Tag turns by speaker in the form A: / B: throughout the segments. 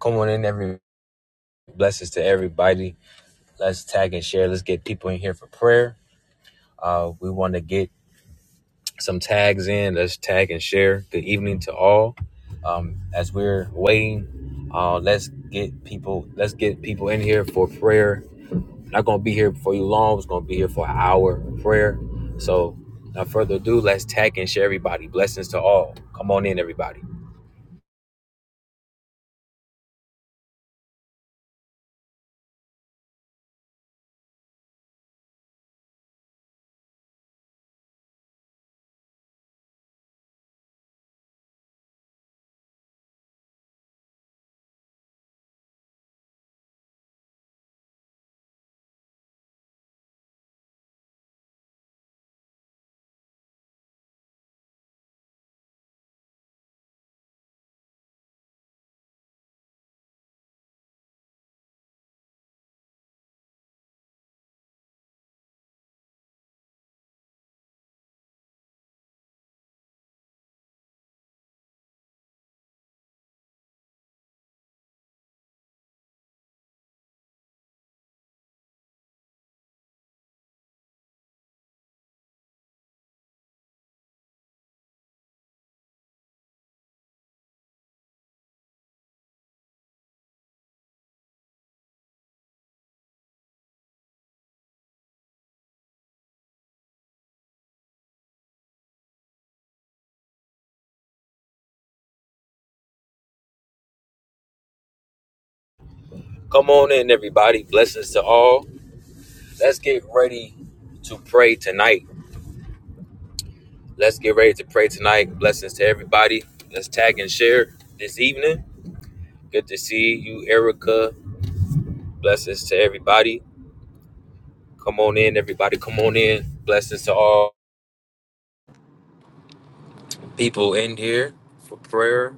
A: Come on in, every blessings to everybody. Let's tag and share. Let's get people in here for prayer. Uh, we want to get some tags in. Let's tag and share. Good evening to all. Um, as we're waiting, uh, let's get people. Let's get people in here for prayer. Not gonna be here for you long. It's gonna be here for an hour of prayer. So, without further ado, let's tag and share everybody. Blessings to all. Come on in, everybody. Come on in, everybody. Blessings to all. Let's get ready to pray tonight Let's get ready to pray tonight. Blessings to everybody. Let's tag and share this evening. Good to see you, Erica. Blessings to everybody. Come on in, everybody. Come on in. Blessings to all people in here for prayer.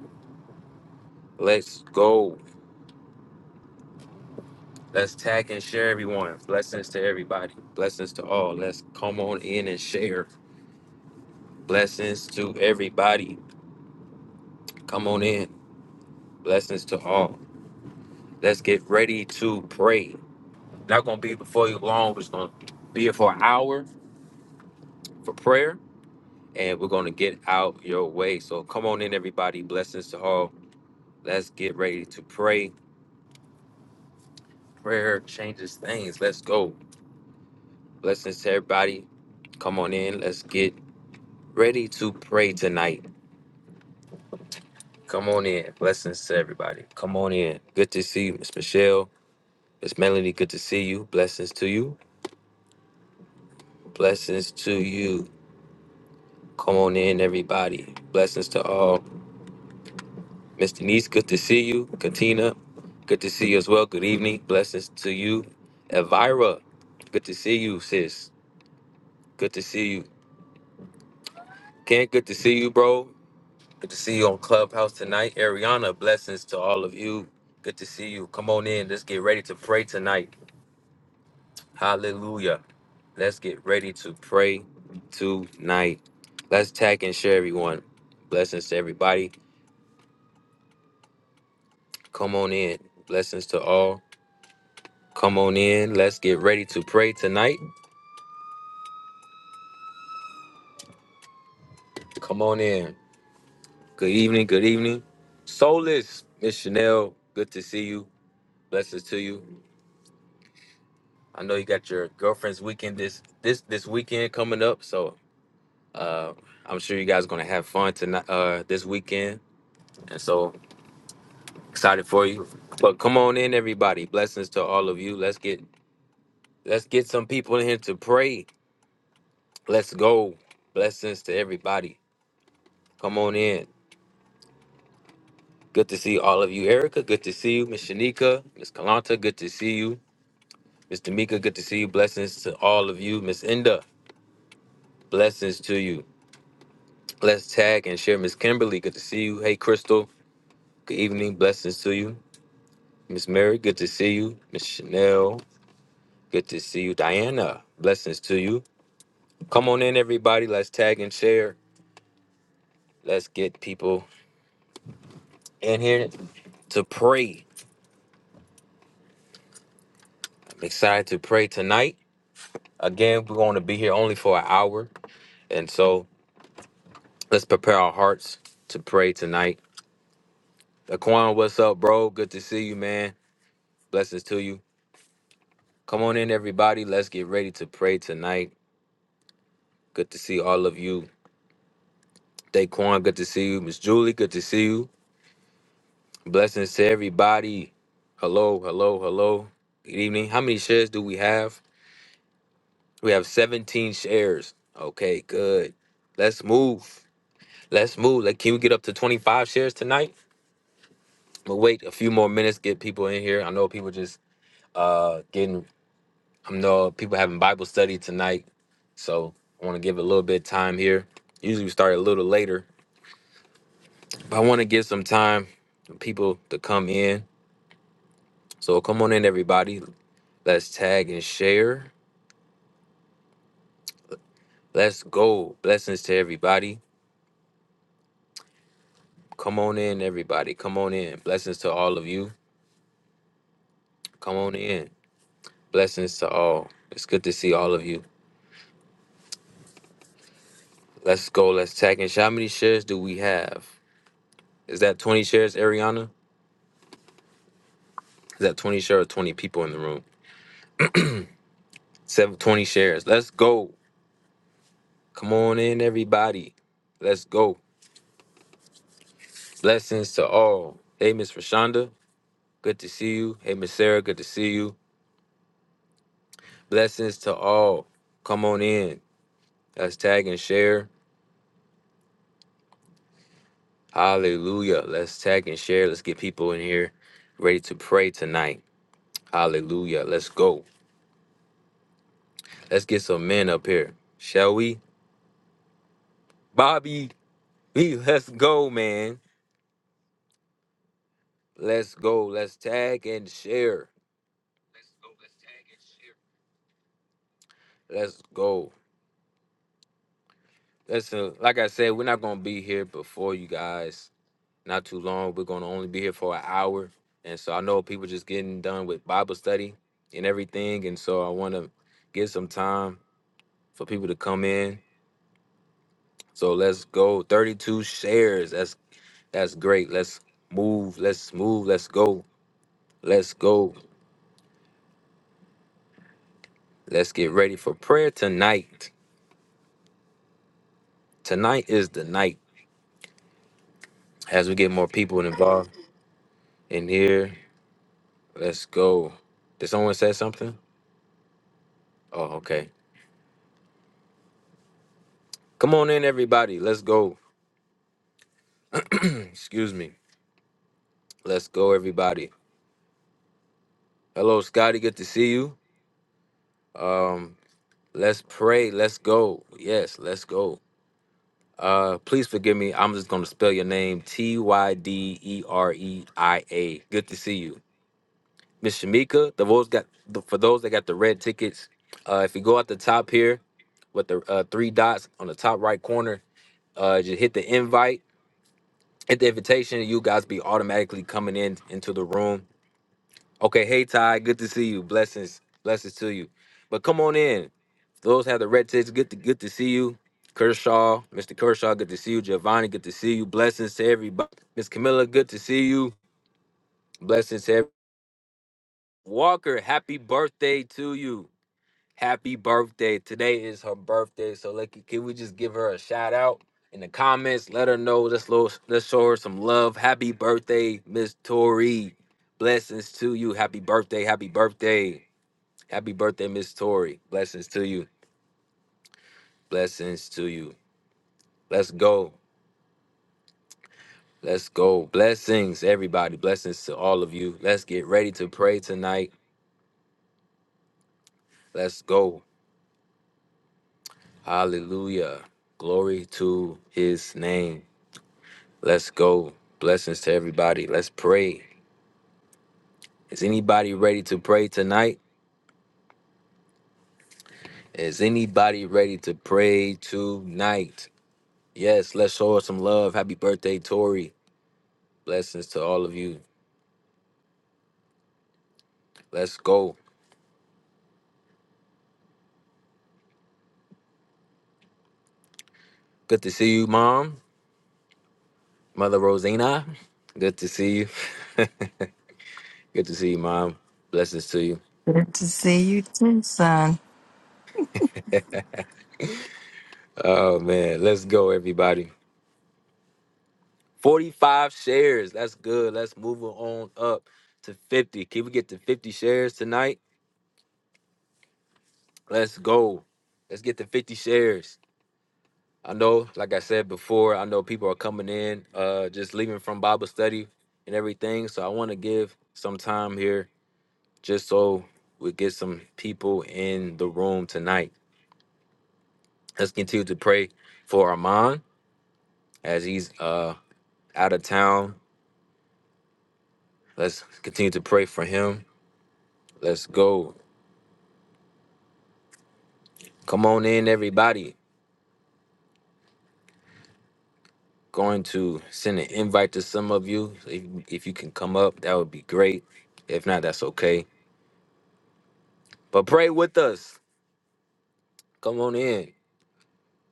A: Let's go. Let's tag and share everyone. Blessings to everybody. Blessings to all. Let's come on in and share. Blessings to everybody. Come on in. Blessings to all. Let's get ready to pray. Not gonna be before you long. We're just gonna be here for an hour for prayer, and we're gonna get out your way. So come on in, everybody. Blessings to all. Let's get ready to pray. Prayer changes things. Let's go. Blessings to everybody. Come on in. Let's get ready to pray tonight. Come on in. Blessings to everybody. Come on in. Good to see you, Miss Michelle. Miss Melanie, good to see you. Blessings to you. Blessings to you. Come on in, everybody. Blessings to all. Miss Denise, good to see you. Katina, good to see you as well. Good evening. Blessings to you. Elvira, good to see you, sis. Good to see you. Kent, good to see you, bro. Good to see you on Clubhouse tonight. Ariana, blessings to all of you. Good to see you. Come on in. Let's get ready to pray tonight. Hallelujah. Let's get ready to pray tonight. Let's tag and share everyone. Blessings to everybody. Come on in. Blessings to all. Come on in. Let's get ready to pray tonight. Come on in. Good evening. Good evening. Soulless, Miss Chanel. Good to see you. Blessings to you. I know you got your girlfriend's weekend this this this weekend coming up, so uh, I'm sure you guys gonna have fun tonight uh, this weekend, and so excited for you. But come on in, everybody. Blessings to all of you. Let's get let's get some people in here to pray. Let's go. Blessings to everybody. Come on in. Good to see all of you, Erica. Good to see you, Miss Shanika, Miss Kalanta. Good to see you. Miss D'Amica, good to see you. Blessings to all of you. Miss Inda, blessings to you. Let's tag and share. Miss Kimberly, good to see you. Hey, Crystal, good evening. Blessings to you. Miss Mary, good to see you. Miss Chanel, good to see you. Diana, blessings to you. Come on in, everybody. Let's tag and share. Let's get people in here to pray. I'm excited to pray tonight. Again, we're going to be here only for an hour. And so let's prepare our hearts to pray tonight. Laquan, what's up, bro? Good to see you, man. Blessings to you. Come on in, everybody. Let's get ready to pray tonight. Good to see all of you. Daquan, good to see you. Miss Julie, good to see you. Blessings to everybody. Hello, hello, hello. Good evening. How many shares do we have? We have 17 shares. Okay, good. Let's move. Let's move. Like, can we get up to 25 shares tonight? We'll wait a few more minutes, get people in here. I know people just uh getting I know people having Bible study tonight, so I want to give a little bit of time here. Usually we start a little later, but I want to give some time for people to come in. So come on in, everybody. Let's tag and share. Let's go. Blessings to everybody. Come on in, everybody. Come on in. Blessings to all of you. Come on in. Blessings to all. It's good to see all of you. Let's go. Let's tag and share. How many shares do we have? Is that 20 shares, Ariana? Is that 20 shares or 20 people in the room? 720 shares. Let's go. Come on in, everybody. Let's go. Blessings to all. Hey, Miss Rashonda. Good to see you. Hey, Miss Sarah. Good to see you. Blessings to all. Come on in. Let's tag and share. Hallelujah. Let's tag and share. Let's get people in here ready to pray tonight. Hallelujah. Let's go. Let's get some men up here. Shall we? Bobby, we let's go, man. Let's go. Let's tag and share. Let's go. Listen, like I said, we're not gonna be here before you guys. Not too long. We're gonna only be here for an hour. And so I know people just getting done with Bible study and everything. And so I wanna give some time for people to come in. So let's go. 32 shares. That's that's great. Let's move. Let's move. Let's go. Let's go. Let's get ready for prayer tonight. Tonight is the night as we get more people involved in here. Let's go. Did someone say something? Oh, okay. Come on in, everybody. Let's go. Excuse me. Let's go, everybody. Hello, Scotty. Good to see you. Um, let's pray. Let's go. Yes, let's go. Uh, please forgive me. I'm just gonna spell your name T Y D E R E I A. Good to see you, Miss Shamika. The votes got for those that got the red tickets. Uh, if you go at the top here with the uh, three dots on the top right corner, uh, just hit the invite at the invitation, you guys be automatically coming in into the room. Okay, hey Ty, good to see you. Blessings, blessings to you. But come on in. Those have the red tickets. Good to good to see you. Kershaw, Mr. Kershaw, good to see you. Giovanni, good to see you. Blessings to everybody. Miss Camilla, good to see you. Blessings to every- Walker, happy birthday to you. Happy birthday. Today is her birthday. So like can we just give her a shout out in the comments? Let her know. Let's lo- let's show her some love. Happy birthday, Miss Tori. Blessings to you. Happy birthday. Happy birthday. Happy birthday, Miss Tori. Blessings to you. Blessings to you. Let's go. Let's go. Blessings, everybody. Blessings to all of you. Let's get ready to pray tonight. Let's go. Hallelujah. Glory to his name. Let's go. Blessings to everybody. Let's pray. Is anybody ready to pray tonight? Is anybody ready to pray tonight? Yes, let's show her some love. Happy birthday, Tori. Blessings to all of you. Let's go. Good to see you, Mom. Mother Rosina. Good to see you. Good to see you, Mom. Blessings to you.
B: Good to see you too, son.
A: Oh, man. Let's go, everybody. 45 shares. That's good. Let's move on up to 50. Can we get to 50 shares tonight? Let's go. Let's get to 50 shares. I know, like I said before, I know people are coming in, uh, just leaving from Bible study and everything. So I want to give some time here just so we get some people in the room tonight. Let's continue to pray for Armand as he's uh out of town. Let's continue to pray for him. Let's go. Come on in, everybody. going to send an invite to some of you. So If, if you can come up, that would be great. If not, that's okay. But pray with us. Come on in.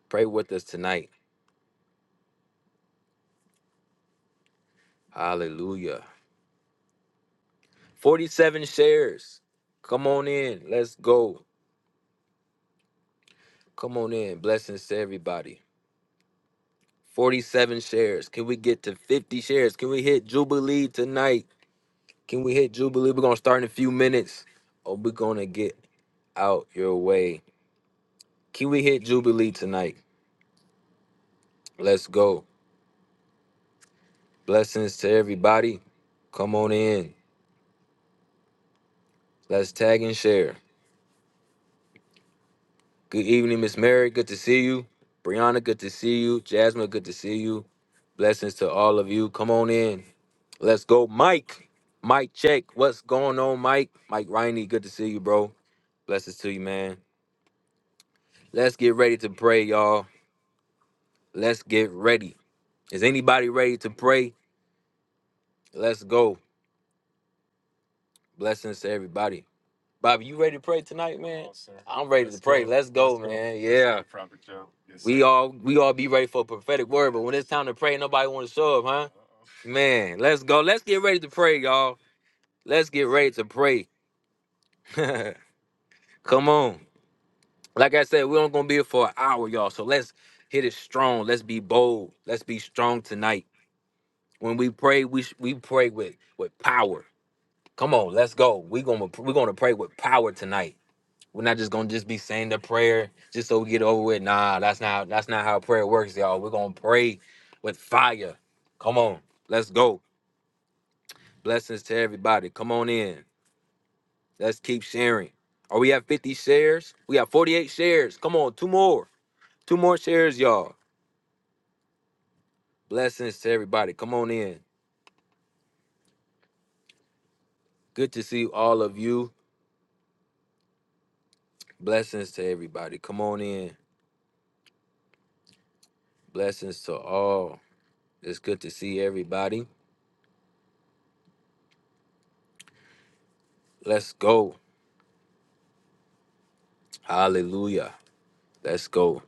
A: Pray with us tonight. Hallelujah. 47 shares. Come on in. Let's go. Come on in. Blessings to everybody. 47 shares. Can we get to 50 shares? Can we hit Jubilee tonight? Can we hit Jubilee? We're going to start in a few minutes. Oh, we're going to get out your way. Can we hit Jubilee tonight? Let's go. Blessings to everybody. Come on in. Let's tag and share. Good evening, Miss Mary. Good to see you. Brianna, good to see you. Jasmine, good to see you. Blessings to all of you. Come on in. Let's go, Mike. Mike, check. What's going on, Mike? Mike Riney, good to see you, bro. Blessings to you, man. Let's get ready to pray, y'all. Let's get ready. Is anybody ready to pray? Let's go. Blessings to everybody. Bobby, you ready to pray tonight, man? Yes, sir. I'm ready Let's to pray. Go. Let's go, Let's man. Go. Yeah. Prophet Joe. Yes, we sir. all we all be ready for a prophetic word, but when it's time to pray, nobody want to show up, huh? Man, let's go. Let's get ready to pray, y'all. Let's get ready to pray. Come on. Like I said, we only gonna be here for an hour, y'all. So let's hit it strong. Let's be bold. Let's be strong tonight. When we pray, we sh- we pray with with power. Come on, let's go. We gonna we gonna pray with power tonight. We're not just gonna just be saying the prayer just so we get over with. Nah, that's not that's not how prayer works, y'all. We're gonna pray with fire. Come on, let's go. Blessings to everybody. Come on in. Let's keep sharing. Are we at 50 shares? We have 48 shares. Come on, two more. Two more shares, y'all. Blessings to everybody. Come on in. Good to see all of you. Blessings to everybody. Come on in. Blessings to all. It's good to see everybody. Let's go. Hallelujah. Let's go.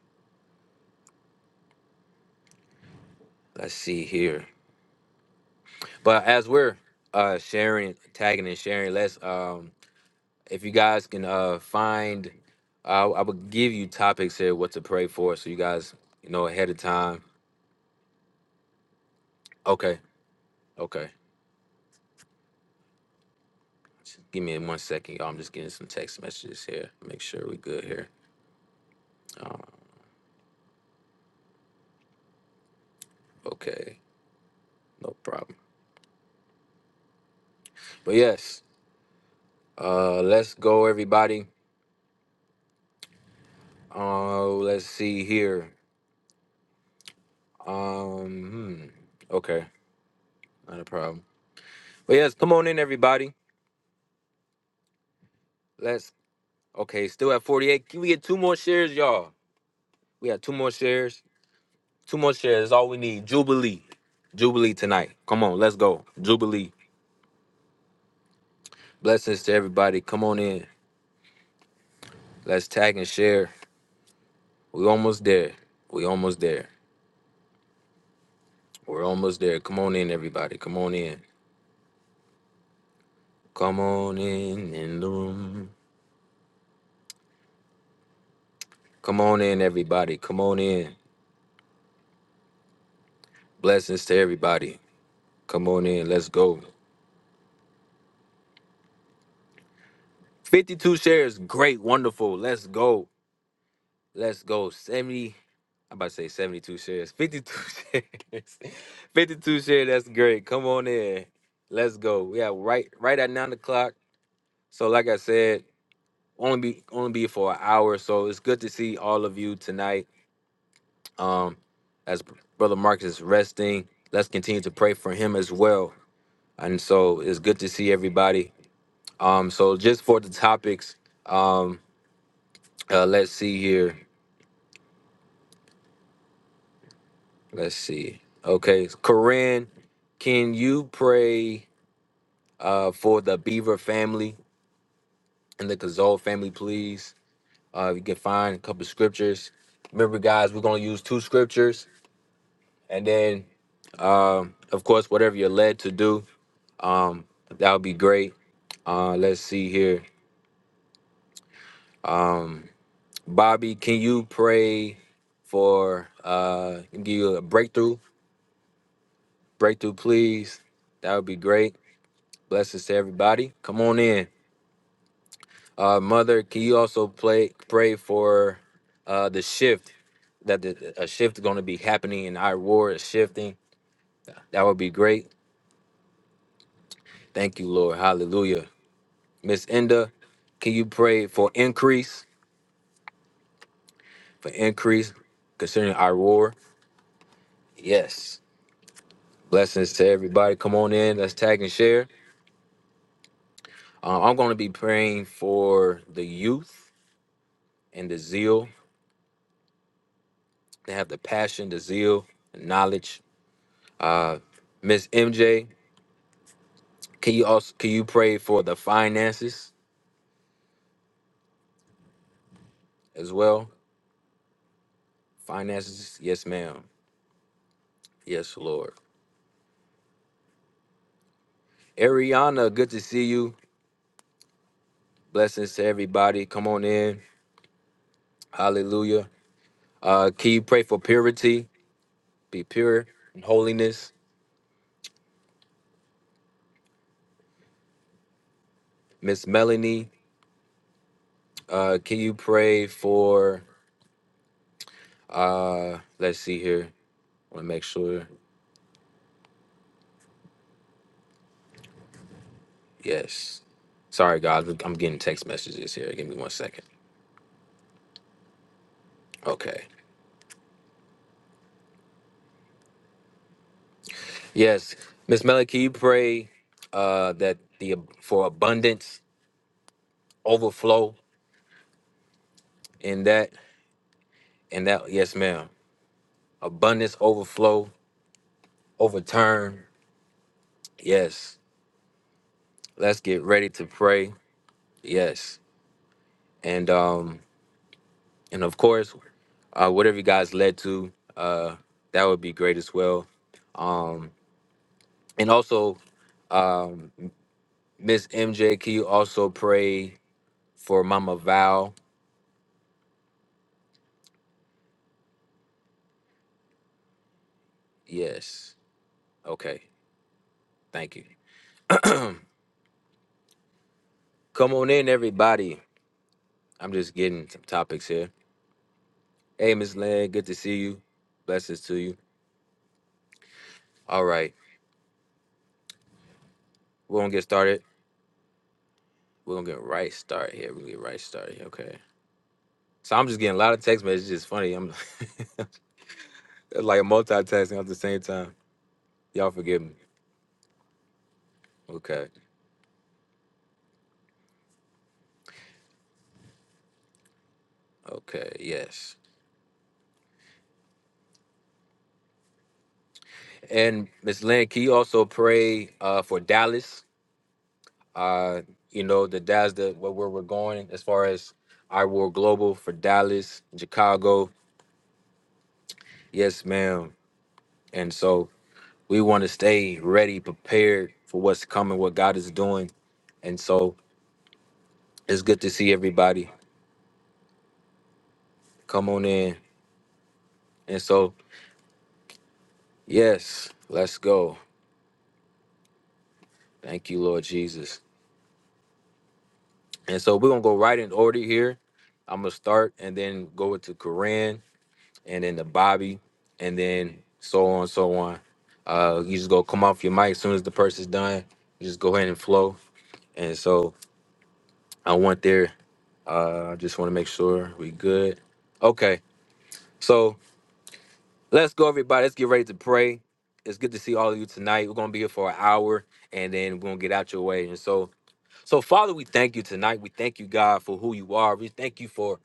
A: let's see here. But as we're uh sharing, tagging and sharing, let's um if you guys can uh find I I would give you topics here what to pray for so you guys you know ahead of time. Okay, okay. Just give me one second, y'all. I'm just getting some text messages here. Make sure we good here. Uh, okay, no problem. But yes, uh let's go everybody. Uh let's see here. Um hmm. okay, not a problem. But yes, come on in everybody. Let's Okay, still at 48. Can we get two more shares, y'all? We have two more shares. Two more shares is all we need. Jubilee. Jubilee tonight. Come on, let's go. Jubilee. Blessings to everybody. Come on in. Let's tag and share. We almost there. We almost there. We're almost there. Come on in, everybody. Come on in. Come on in in the room. Come on in, everybody. Come on in. Blessings to everybody. Come on in. Let's go. 52 shares. Great. Wonderful. Let's go. Let's go. 70. I'm about to say 72 shares. 52 shares. 52 shares. That's great. Come on in. Let's go. We have right right at nine o'clock. So like I said, only be only be for an hour. So it's good to see all of you tonight. Um, as Brother Marcus is resting. Let's continue to pray for him as well. And so it's good to see everybody. Um, so just for the topics, um, uh, let's see here. Let's see. Okay, Corinne, can you pray uh, for the Beaver family and the Kazol family, please? Uh, if you can find a couple scriptures. Remember, guys, we're gonna use two scriptures, and then, um, of course, whatever you're led to do, um, that would be great. Uh, let's see here. Um, Bobby, can you pray for uh, give you a breakthrough? Breakthrough, please. That would be great. Blessings to everybody. Come on in. Uh, Mother, can you also play pray for uh, the shift that the, a shift is going to be happening and our war is shifting? That would be great. Thank you, Lord. Hallelujah. Miss Enda, can you pray for increase for increase concerning our war? Yes. Blessings to everybody. Come on in. Let's tag and share. Uh, I'm going to be praying for the youth and the zeal. They have the passion, the zeal, the knowledge. Uh, Miss MJ. Can you also can you pray for the finances as well? Finances, yes, ma'am. Yes, Lord. Ariana, good to see you. Blessings to everybody. Come on in. Hallelujah. Uh, can you pray for purity? Be pure and holiness. Miss Melanie, uh, can you pray for uh let's see here. I wanna make sure. Yes. Sorry, guys. I'm getting text messages here. Give me one second. Okay. Yes, Miss Melly, can you pray uh, that the for abundance, overflow in that and that? Yes, ma'am. Abundance, overflow, overturn. Yes. Let's get ready to pray. Yes, and um, and of course, uh, whatever you guys led to, uh, that would be great as well. Um, and also, um, Miss MJ, can you also pray for Mama Val? Yes. Okay. Thank you. Come on in, everybody. I'm just getting some topics here. Hey, Miss Land, good to see you. Blessings to you. All right, we're gonna get started. We're gonna get right start here. We're gonna get right started here. Okay. So I'm just getting a lot of text messages. It's funny. I'm it's like multitasking at the same time. Y'all forgive me. Okay. Okay. Yes. And Miss Land, can you also pray uh, for Dallas? Uh, you know, the Dallas, the where where we're going as far as I War Global for Dallas, Chicago. Yes, ma'am. And so we want to stay ready, prepared for what's coming, what God is doing. And so it's good to see everybody. Come on in. And so, yes, let's go. Thank you, Lord Jesus. And so we're going to go right in order here. I'm going to start and then go into Koran and then to Bobby and then so on, so on. Uh, you just go come off your mic as soon as the person's done. You just go ahead and flow. And so I want there. Uh, I just want to make sure we good. Okay. So let's go, everybody. Let's get ready to pray. It's good to see all of you tonight. We're gonna be here for an hour, and then we're gonna get out your way. And so, so Father, we thank you tonight. We thank you, God, for who you are. We thank you for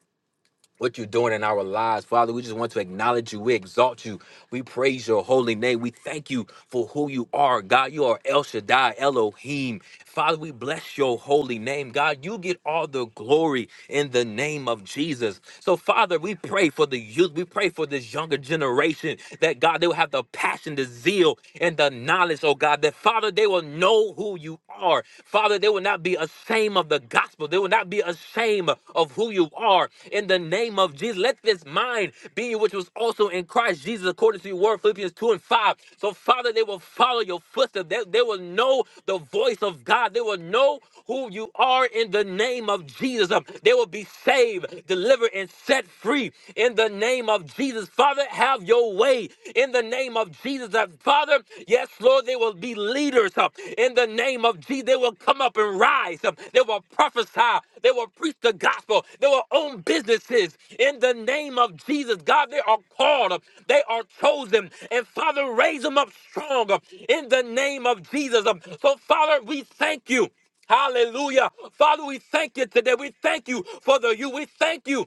A: what you're doing in our lives, Father. We just want to acknowledge you. We exalt you. We praise your holy name. We thank you for who you are, God. You are El Shaddai, Elohim. Father, we bless your holy name. God, you get all the glory in the name of Jesus. So, Father, we pray for the youth. We pray for this younger generation that, God, they will have the passion, the zeal, and the knowledge, oh God, that, Father, they will know who you are. Father, they will not be ashamed of the gospel. They will not be ashamed of who you are. In the name of Jesus, let this this mind being which was also in Christ Jesus, according to your word, Philippians 2 and 5. So, Father, they will follow your footsteps. They, they will know the voice of God. They will know who you are in the name of Jesus. Um, They will be saved, delivered, and set free in the name of Jesus. Father, have your way in the name of Jesus. Uh, Father, yes, Lord, they will be leaders. Jesus. uh, in the name of Jesus. They will come up and rise. uh, They will prophesy. They will preach the gospel. They will own businesses in the name of Jesus. God, they are called. uh, They are chosen. And Father, raise them up strong uh, in the name of Jesus. Uh, So, Father, we thank you. Hallelujah. Father, we thank you today. We thank you for the you. We thank you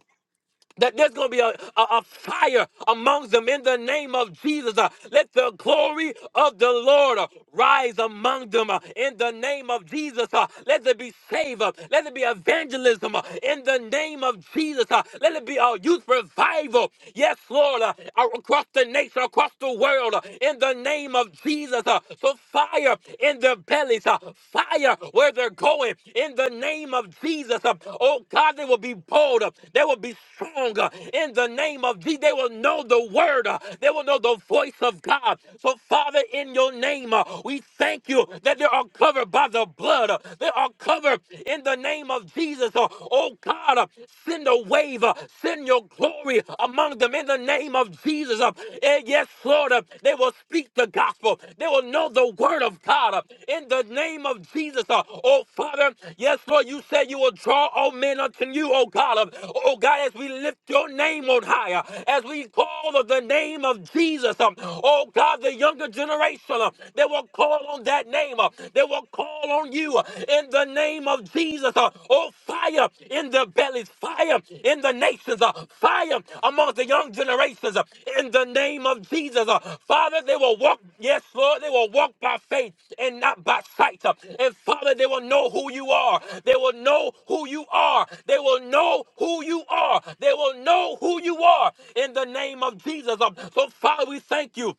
A: that there's going to be a, a, a fire amongst them in the name of Jesus. Uh, let the glory of the Lord uh, rise among them uh, in the name of Jesus. Uh, let there be save. Uh, let there be evangelism uh, in the name of Jesus. Uh, let it be a youth revival. Yes, Lord, uh, across the nation, across the world, uh, in the name of Jesus. Uh, so fire in their bellies, uh, uh, fire where they're going in the name of Jesus. uh, Oh God, they will be bold. uh, They will be strong uh, in the name of Jesus. They will know the word. uh, They will know the voice of God. So, Father, in your name, uh, we thank you that they are covered by the blood. uh, They are covered in the name of Jesus. uh, Oh God, uh, send a wave. uh, Send your glory among them in the name of name of Jesus. uh, eh, Yes, Lord, uh, they will speak the gospel. They will know the word of God uh, in the name of Jesus. uh, Oh, Father, yes, Lord, you said you will draw all men unto you, oh God. uh, Oh, God, as we lift your name on higher, as we call of the name of Jesus, um, oh God, the younger generation, uh, they will call on that name. uh, They will call on you uh, in the name of of Jesus. uh, Oh, fire in their bellies, fire in the nations, uh, fire amongst the young generations uh, in the name of Jesus. uh, Father, they will walk, yes, Lord, they will walk by faith and not by sight. uh, And Father, they will know who you are. They will know who you are. They will know who you are. They will know who you are in the name of Jesus. uh, So, Father, we thank you.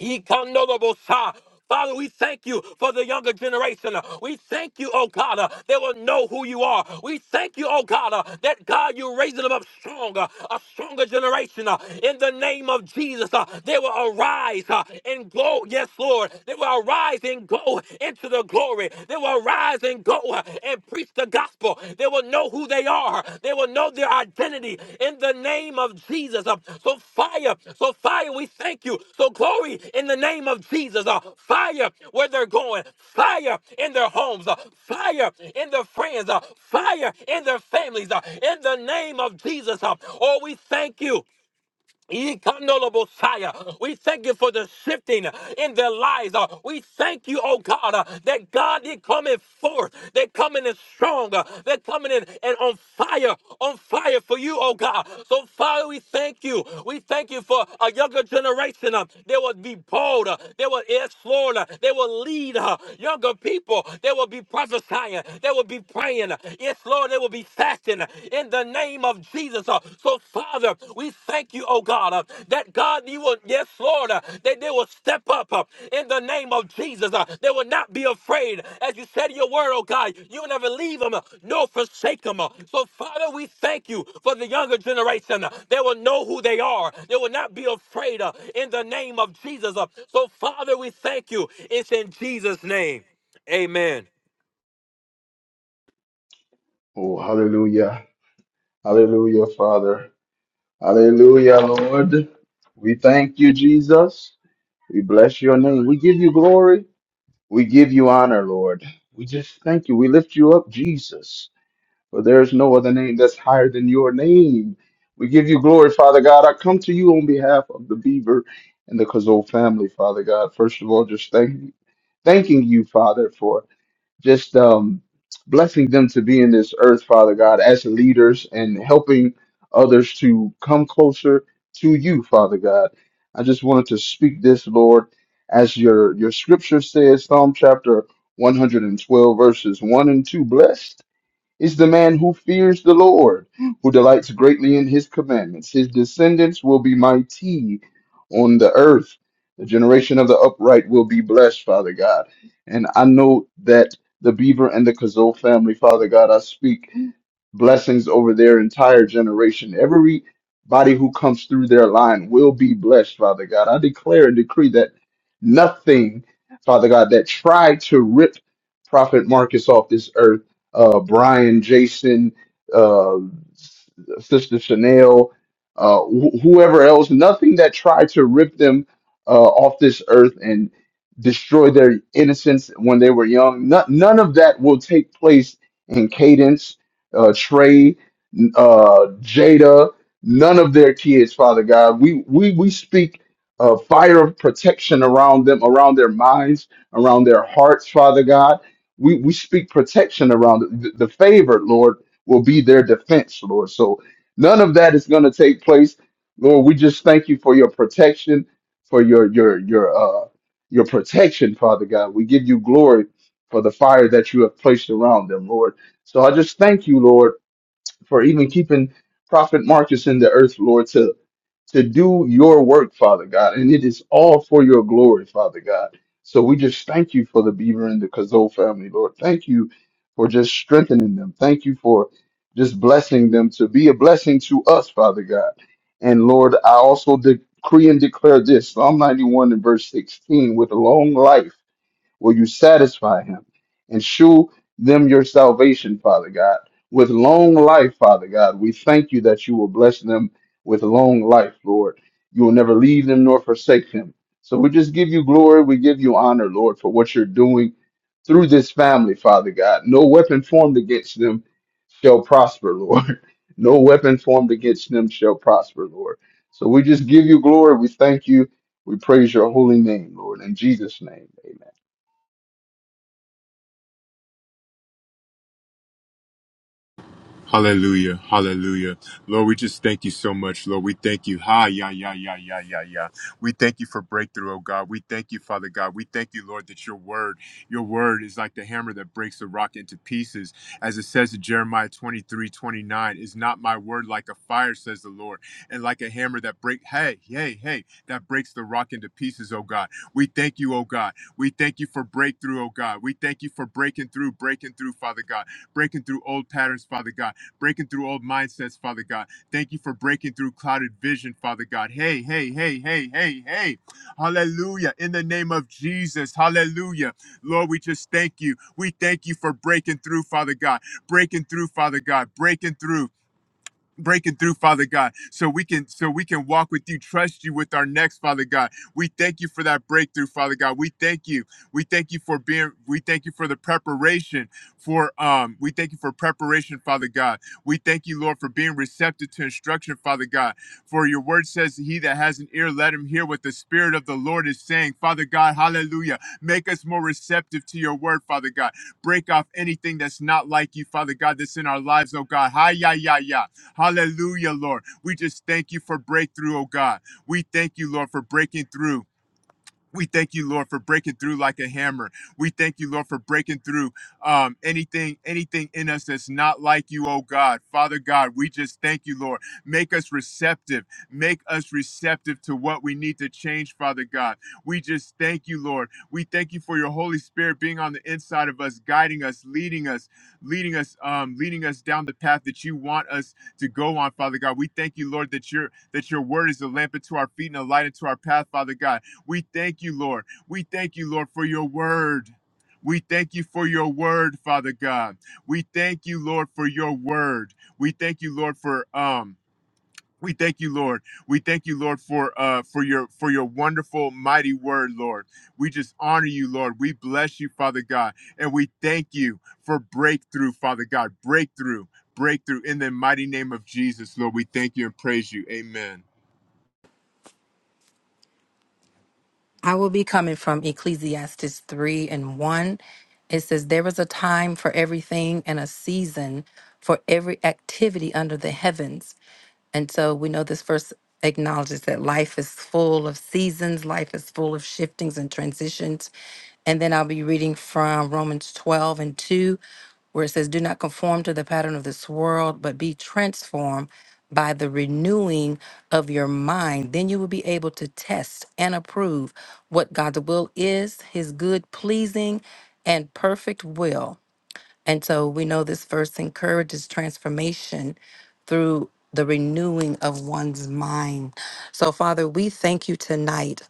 A: Ikanodobosa. Father, we thank you for the younger generation. We thank you, oh God, uh, they will know who you are. We thank you, oh God, uh, that God, you're raising them up stronger, a stronger generation. uh, In the name of Jesus, uh, they will arise uh, and go. Yes, Lord. They will arise and go into the glory. They will arise and go uh, and preach the gospel. They will know who they are. They will know their identity in the name of Jesus. Uh, So fire, so fire, we thank you. So glory in the name of Jesus. Uh, Fire where they're going. Fire in their homes. Uh, Fire in their friends. Uh, Fire in their families. Uh, In the name of Jesus. Uh, Oh, we thank you. Ikanolobosaya. We thank you for the shifting in their lives. Uh, We thank you, oh God, uh, that God, they're coming forth. They're coming in strong. Uh, They're coming in and on fire, on fire for you, oh God. So, Father, we thank you. We thank you for a younger generation. uh, They will be bold. uh, They will explore. uh, They will lead uh, younger people. They will be prophesying. They will be praying. Uh, Yes, Lord, they will be passion in the name of Jesus. Uh, So, Father, we thank you, oh God, uh, that God, you will, yes, Lord, uh, that they will step up uh, in the name of Jesus. Uh, They will not be afraid. As you said in your word, oh God, you will never leave them uh, nor forsake them. Uh, So, Father, we thank you for the younger generation. Uh, They will know who they are. They will not be afraid uh, in the name of Jesus. Uh, So, Father, we thank you. It's in Jesus' name. Amen.
C: Oh, hallelujah. Hallelujah, Father. Hallelujah, Lord. We thank you, Jesus. We bless your name. We give you glory. We give you honor, Lord. We just thank you. We lift you up, Jesus. For there is no other name that's higher than your name. We give you glory, Father God. I come to you on behalf of the Beaver and the Kazoo family, Father God. First of all, just thank you. Thanking you, Father, for just um, blessing them to be in this earth, Father God, as leaders and helping others to come closer to you, Father God. I just wanted to speak this, Lord, as your your scripture says, Psalm chapter 112, verses 1 and 2. Blessed is the man who fears the Lord, who delights greatly in his commandments. His descendants will be mighty on the earth. The generation of the upright will be blessed, Father God. And I know that the Beaver and the Kazoo family, Father God, I speak blessings over their entire generation. Everybody who comes through their line will be blessed, Father God. I declare and decree that nothing, Father God, that tried to rip Prophet Marcus off this earth uh, Brian, Jason, uh, S- Sister Chanel, uh, wh- whoever else, nothing that tried to rip them uh, off this earth and destroy their innocence when they were young. No- none of that will take place in Cadence, uh, Trey uh, Jada, none of their kids, Father God. We we we speak uh, fire of protection around them, around their minds, around their hearts, Father God. We we speak protection around it. the, the favored Lord will be their defense, Lord. So none of that is going to take place, Lord. We just thank you for your protection, for your your your uh your protection, Father God. We give you glory for the fire that you have placed around them, Lord. So I just thank you, Lord for even keeping Prophet Marcus in the earth, Lord, to to do your work, Father God, and it is all for your glory, Father God. So we just thank you for the Beaver and the Kazoo family, Lord. Thank you for just strengthening them. Thank you for just blessing them to be a blessing to us, Father God. And Lord, I also decree and declare this Psalm 91 and verse 16 with a long life. Will you satisfy him and shew them your salvation, Father God? With long life, Father God, we thank you that you will bless them with long life, Lord. You will never leave them nor forsake them. So we just give you glory. We give you honor, Lord, for what you're doing through this family, Father God. No weapon formed against them shall prosper, Lord. No weapon formed against them shall prosper, Lord. So we just give you glory. We thank you. We praise your holy name, Lord. In Jesus' name, amen.
D: Hallelujah. Hallelujah. Lord, we just thank you so much, Lord. We thank you. Ha, yeah, yeah, yeah, yeah, yeah, yeah. We thank you for breakthrough, oh God. We thank you, Father God. We thank you, Lord, that your word, your word is like the hammer that breaks the rock into pieces. As it says in Jeremiah 23 29. is not my word like a fire, says the Lord, and like a hammer that break, hey, hey, hey, that breaks the rock into pieces, oh God. We thank you, oh God. We thank you for breakthrough, oh God. We thank you for breaking through, breaking through, Father God, breaking through old patterns, Father God breaking through old mindsets, Father God. Thank you for breaking through clouded vision, Father God. Hey, hey, hey, hey, hey, hey. Hallelujah. In the name of Jesus. Hallelujah. Lord, we just thank you. We thank you for breaking through, Father God. Breaking through, Father God. Breaking through breaking through father god so we can so we can walk with you trust you with our next father god we thank you for that breakthrough father god we thank you we thank you for being we thank you for the preparation for um we thank you for preparation father god we thank you lord for being receptive to instruction father god for your word says he that has an ear let him hear what the spirit of the lord is saying father god hallelujah make us more receptive to your word father god break off anything that's not like you father god that's in our lives oh god hi ya ya ya Hallelujah, Lord. We just thank you for breakthrough, oh God. We thank you, Lord, for breaking through. We thank you, Lord, for breaking through like a hammer. We thank you, Lord, for breaking through um, anything, anything in us that's not like you, oh God. Father God, we just thank you, Lord. Make us receptive. Make us receptive to what we need to change, Father God. We just thank you, Lord. We thank you for your Holy Spirit being on the inside of us, guiding us, leading us, leading us, um, leading us down the path that you want us to go on, Father God. We thank you, Lord, that your that your word is a lamp unto our feet and a light unto our path, Father God. We thank you, Lord. We thank you, Lord, for your word. We thank you for your word, Father God. We thank you, Lord, for your word. We thank you, Lord, for um we thank you, Lord. We thank you, Lord, for uh for your for your wonderful mighty word, Lord. We just honor you, Lord. We bless you, Father God, and we thank you for breakthrough, Father God. Breakthrough, breakthrough in the mighty name of Jesus, Lord. We thank you and praise you. Amen.
B: I will be coming from Ecclesiastes 3 and 1. It says, There is a time for everything and a season for every activity under the heavens. And so we know this verse acknowledges that life is full of seasons, life is full of shiftings and transitions. And then I'll be reading from Romans 12 and 2. where it says, Do not conform to the pattern of this world, but be transformed by the renewing of your mind. Then you will be able to test and approve what God's will is, his good, pleasing, and perfect will. And so we know this verse encourages transformation through the renewing of one's mind. So, Father, we thank you tonight.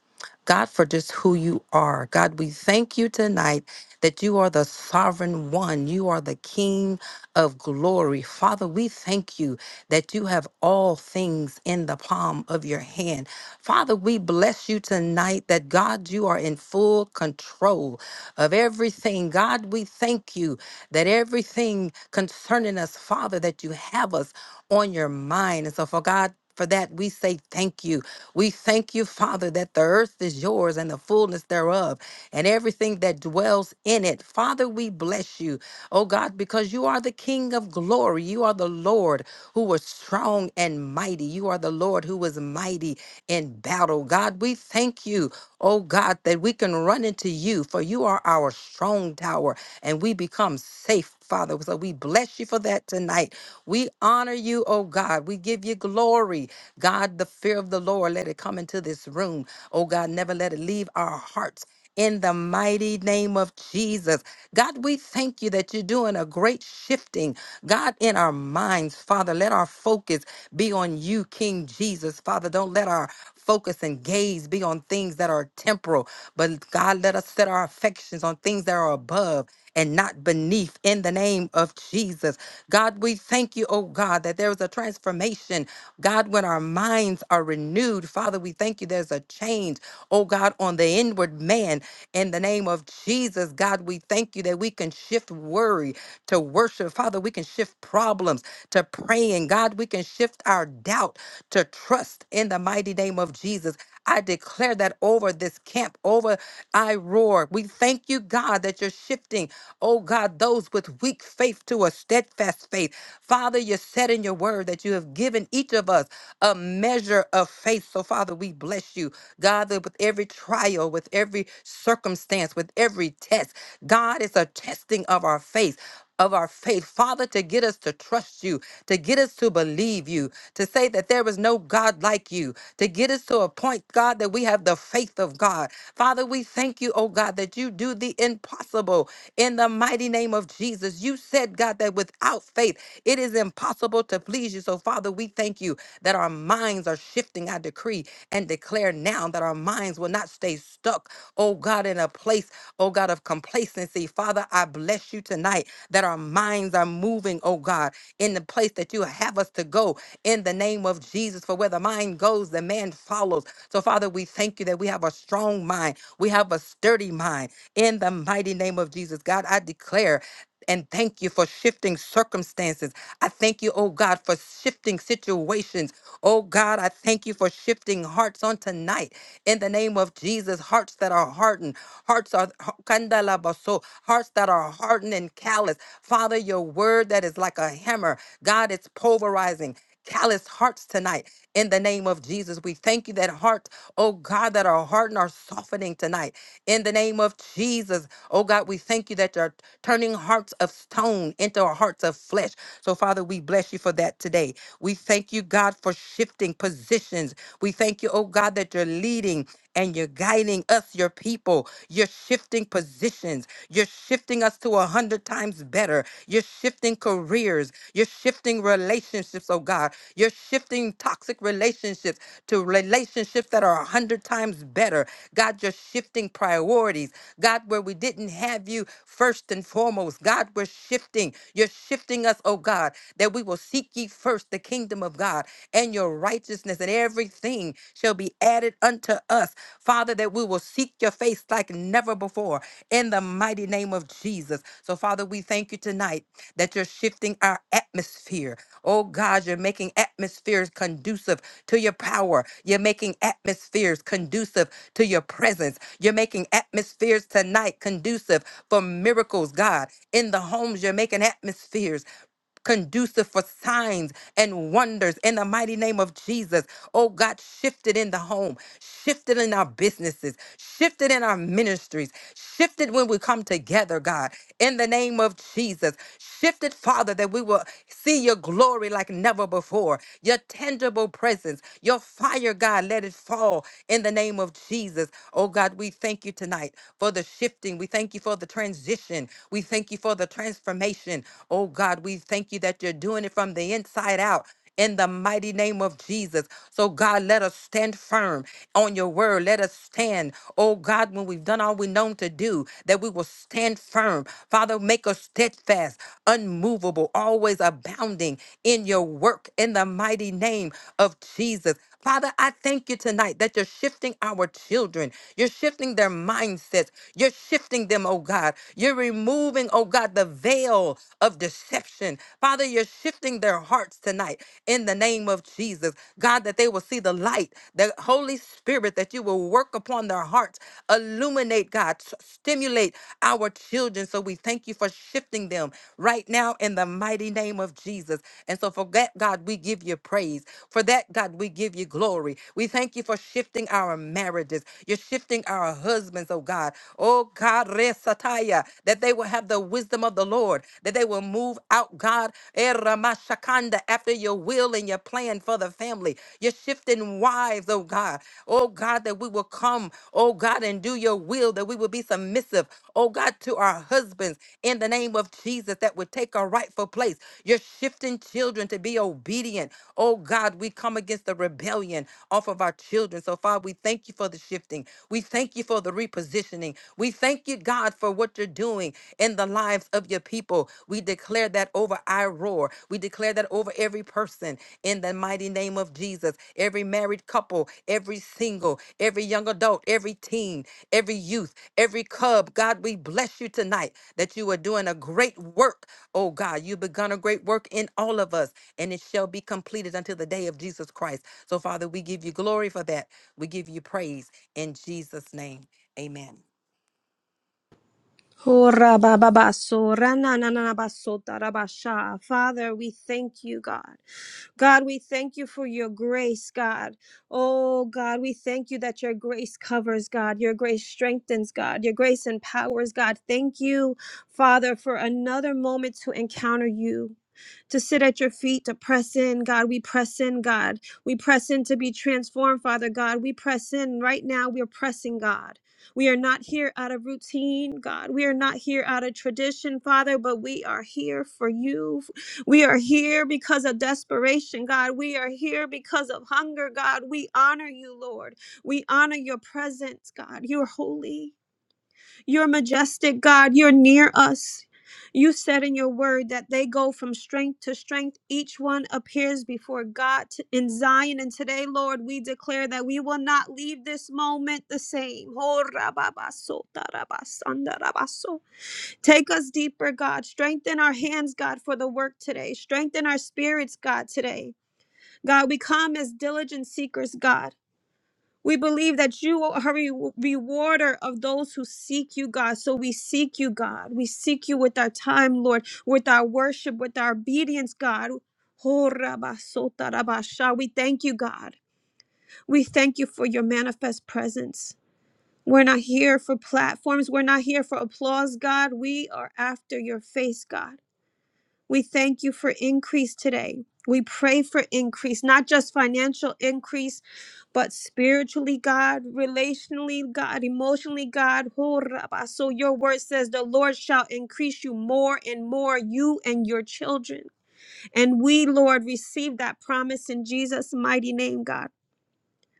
B: God, for just who you are. God, we thank you tonight that you are the sovereign one. You are the King of glory. Father, we thank you that you have all things in the palm of your hand. Father, we bless you tonight that God, you are in full control of everything. God, we thank you that everything concerning us, Father, that you have us on your mind. And so, for God, for that, we say thank you. We thank you, Father, that the earth is yours and the fullness thereof, and everything that dwells in it. Father, we bless you, oh God, because you are the King of glory. You are the Lord who was strong and mighty. You are the Lord who was mighty in battle. God, we thank you, oh God, that we can run into you, for you are our strong tower, and we become safe. Father, so we bless you for that tonight. We honor you, oh God. We give you glory. God, the fear of the Lord, let it come into this room. Oh God, never let it leave our hearts. In the mighty name of Jesus. God, we thank you that you're doing a great shifting, God, in our minds, Father. Let our focus be on you, King Jesus, Father. Don't let our focus and gaze be on things that are temporal, but God, let us set our affections on things that are above and not beneath in the name of Jesus. God, we thank you, oh God, that there is a transformation. God, when our minds are renewed, Father, we thank you there's a change, oh God, on the inward man in the name of Jesus. God, we thank you that we can shift worry to worship. Father, we can shift problems to praying. God, we can shift our doubt to trust in the mighty name of Jesus. I declare that over this camp, over I Roar. We thank you, God, that you're shifting, oh God, those with weak faith to a steadfast faith. Father, you said in your word that you have given each of us a measure of faith. So, Father, we bless you, God, that with every trial, with every circumstance, with every test, God is a testing of our faith of our faith, Father, to get us to trust you, to get us to believe you, to say that there is no God like you, to get us to a point, God, that we have the faith of God. Father, we thank you, oh God, that you do the impossible in the mighty name of Jesus. You said, God, that without faith, it is impossible to please you. So, Father, we thank you that our minds are shifting. I decree and declare now that our minds will not stay stuck, oh God, in a place, oh God, of complacency. Father, I bless you tonight that our minds are moving, oh God, in the place that you have us to go in the name of Jesus. For where the mind goes, the man follows. So, Father, we thank you that we have a strong mind, we have a sturdy mind in the mighty name of Jesus. God, I declare and thank you for shifting circumstances. I thank you, oh God, for shifting situations. Oh God, I thank you for shifting hearts on tonight. In the name of Jesus, hearts that are hardened, hearts are kandalabaso, hearts that are hardened and callous. Father, your word that is like a hammer, God, it's pulverizing. Callous hearts tonight. In the name of Jesus, we thank you that heart, oh God, that our heart and are softening tonight. In the name of Jesus, oh God, we thank you that you're turning hearts of stone into our hearts of flesh. So, Father, we bless you for that today. We thank you, God, for shifting positions. We thank you, oh God, that you're leading and you're guiding us, your people. You're shifting positions. You're shifting us to a hundred times better. You're shifting careers. You're you're shifting relationships, oh God. You're shifting toxic relationships to relationships that are a hundred times better. God, you're shifting priorities. God, where we didn't have you first and foremost. God, we're shifting. You're shifting us, oh God, that we will seek ye first the kingdom of God and your righteousness, and everything shall be added unto us. Father, that we will seek your face like never before in the mighty name of Jesus. So, Father, we thank you tonight that you're shifting our atmosphere. Oh, God, you're making atmospheres conducive to your power. You're making atmospheres conducive to your presence. You're making atmospheres tonight conducive for miracles, God. In the homes, you're making atmospheres conducive for signs and wonders in the mighty name of Jesus. Oh God, shifted in the home, shifted in our businesses, shifted in our ministries, shifted when we come together, God, in the name of Jesus. Shifted, Father, that we will see your glory like never before, your tangible presence, your fire, God, let it fall in the name of Jesus. Oh God, we thank you tonight for the shifting. We thank you for the transition. We thank you for the transformation transformation. Oh God, we thank you that you're doing it from the inside out. In the mighty name of Jesus. So, God, let us stand firm on your word. Let us stand, oh God, when we've done all we known to do, that we will stand firm. Father, make us steadfast, unmovable, always abounding in your work in the mighty name of Jesus. Father, I thank you tonight that you're shifting our children. You're shifting their mindsets. You're shifting them, oh God. You're removing, oh God, the veil of deception. Father, you're shifting their hearts tonight in the name of Jesus. God, that they will see the light, the Holy Spirit, that you will work upon their hearts, illuminate, God, s- stimulate our children. So we thank you for shifting them right now in the mighty name of Jesus. And so, for that, God, we give you praise. For that, God, we give you glory. We thank you for shifting our marriages. You're shifting our husbands, oh God. Oh God, resataya, that they will have the wisdom of the Lord, that they will move out, God, eh, ramashakanda, after your will and your plan for the family. You're shifting wives, oh God. God. Oh God, that we will come, oh God, and do your will, that we will be submissive, oh God, to our husbands in the name of Jesus, that would take our rightful place. You're shifting children to be obedient. Oh God, we come against the rebellion off of our children. So, Father, we thank you for the shifting. We thank you for the repositioning. We thank you, God, for what you're doing in the lives of your people. We declare declare that over our roar. We declare that over every person in the mighty name of Jesus. Every married couple, every single, every young adult, every teen, every youth, every cub. God, we bless you tonight that you are doing a great work. Oh God, you've begun a great work in all of us, and it shall be completed until the day of Jesus Christ. So, Father, we give you glory for that. We give you praise in Jesus' name. Amen.
E: Father, we thank you, God. God, we thank you for your grace, God. Oh, God, we thank you that your grace covers, God. Your grace strengthens, God. Your grace empowers, God. Thank you, Father, for another moment to encounter you. To sit at your feet, to press in, God. We press in, God. We press in to be transformed, Father God. We press in right now. We're pressing, God. We are not here out of routine, God. We are not here out of tradition, Father, but we are here for you, we are here because of desperation, God. We are here because of hunger, God. We honor you, Lord. We honor your presence, God. You're holy. You're majestic, God. You're near us. You said in your word that they go from strength to strength. Each one appears before God in Zion. And today, Lord, we declare that we will not leave this moment the same. Oh, rababa, rabasanda, rabaso. Take us deeper, God. Strengthen our hands, God, for the work today. Strengthen our spirits, God, today. God, we come as diligent seekers, God. We believe that you are a re- rewarder of those who seek you, God. So we seek you, God. We seek you with our time, Lord, with our worship, with our obedience, God. Ho rabba sota rabba sha. We thank you, God. We thank you for your manifest presence. We're not here for platforms. We're not here for applause, God. We are after your face, God. We thank you for increase today. We pray for increase, not just financial increase, but spiritually, God, relationally, God, emotionally, God. Ho rabba. So your word says the Lord shall increase you more and more, you and your children. And we, Lord, receive that promise in Jesus' mighty name, God.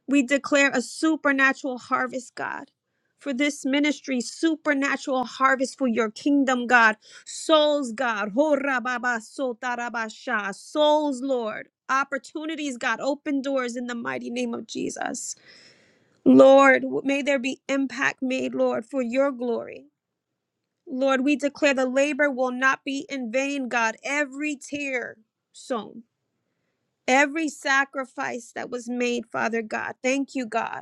E: We declare a supernatural harvest, God. For this ministry, supernatural harvest for your kingdom, God. Souls, God. Ho ra ba ba so ta ra ba sha. Souls, Lord. Opportunities, God. Open doors in the mighty name of Jesus. Lord, may there be impact made, Lord, for your glory. Lord, we declare the labor will not be in vain, God. Every tear sown, every sacrifice that was made, Father God. Thank you, God.